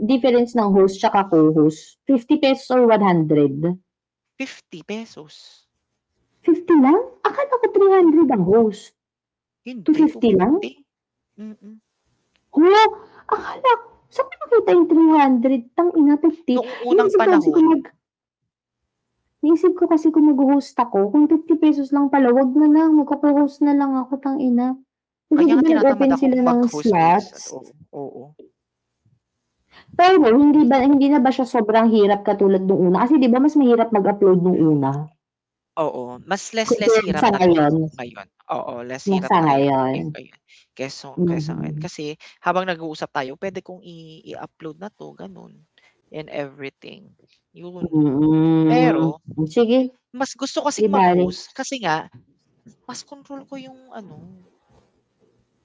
S2: difference ng host tsaka co-host? 50 pesos or one hundred
S1: ₱50.
S2: fifty lang? Akala ko 300
S1: Oo,
S2: ang host, two
S1: hindi,
S2: fifty lang?
S1: ₱250. Mm.
S2: Hala, akala ko, saan ko nakita yung 300 tang ina 50.
S1: Noong unang
S2: Iniisip ko kasi
S1: panahon.
S2: kung mag Naisip ko kasi kung mag-host ako, kung 50 pesos lang pala, wag na lang, magko host na lang ako, tang ina. Kasi
S1: Kaya
S2: di
S1: nga
S2: ba
S1: tinatamad
S2: nag-open
S1: akong
S2: sila ng
S1: mag-host
S2: slots?
S1: minsan, oo, oo,
S2: Pero no, hindi ba hindi na ba siya sobrang hirap katulad nung una? Kasi di ba mas mahirap mag-upload nung una
S1: oo, mas less
S2: compared
S1: hirap
S2: sa
S1: na 'tong
S2: ngayon,
S1: ngayon, oo, less
S2: na
S1: hirap
S2: sa
S1: na ayon
S2: ngayon?
S1: yung ganyan keso kaysa ngayon.
S2: Mhm.
S1: Kasi habang nag-uusap tayo, puwede kong I i-upload na 'to gano'n and everything, yun.
S2: Mm.
S1: Pero
S2: Sige,
S1: mas gusto
S2: di
S1: kasing
S2: bale.
S1: mag-host kasi nga mas kontrol ko yung ano,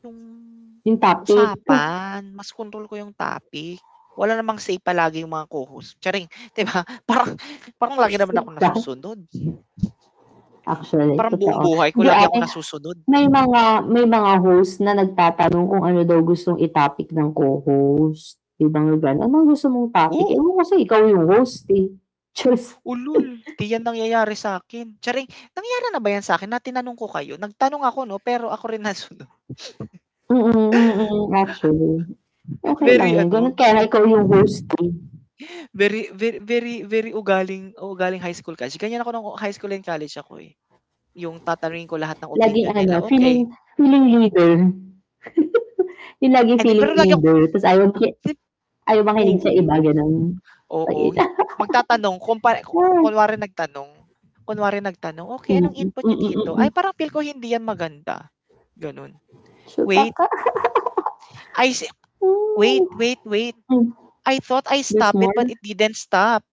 S1: yung
S2: Yung topic,
S1: usapan, mas kontrol ko yung topic. Wala namang say palagi yung mga co-host, charing, 'di ba? Parang lagi naman
S2: isip
S1: ako
S2: ka.
S1: nasusunod.
S2: Actually,
S1: Parang buong
S2: totoo.
S1: buhay ko
S2: Hindi
S1: lagi
S2: ate.
S1: akong nasusunod.
S2: May mga host na nagtatanong kung ano daw gustong i-topic ng co-host. Ibang lugar gano'n, "Anong gusto mong topic?" Ewan
S1: Oo,
S2: ko kasi ikaw yung host, eh. Diyos.
S1: ulol, 'di 'yan nangyayari sa'kin. Charing, nangyari na ba 'yan sa'kin na tinanong ko kayo? Nagtanong ako 'no, pero ako rin nasunod.
S2: Mm, mm, mm, mm, mm, actually. Okey lang
S1: Very
S2: 'yun, gano'n
S1: ano,
S2: kaya nga ikaw yung host, eh.
S1: very very very very ugaling high school kasi ganyan ako ng high school and college ako, eh. Yung tatanungin ko lahat ng
S2: Laging
S1: opinion
S2: ano,
S1: nila,
S2: feeling
S1: okay.
S2: feeling leader. Yung laging
S1: Eh, 'di
S2: feeling
S1: pero lagi akong,
S2: leader tapos ayaw makinig sa iba,
S1: oo.
S2: gano'n.
S1: Oo,
S2: Tangina.
S1: magtatanong kumpa ku kunwari nagtanong, "Okey,
S2: Mm,
S1: anong
S2: mm,
S1: input niyo dito?
S2: mm.
S1: Ay, parang feel ko hindi yan maganda." Gano'n.
S2: So,
S1: "Wait,
S2: taka
S1: I se
S2: hmm.
S1: wait, wait, wait.
S2: Hmm,
S1: I thought I
S2: there's
S1: stopped
S2: more?
S1: it, but it didn't stop."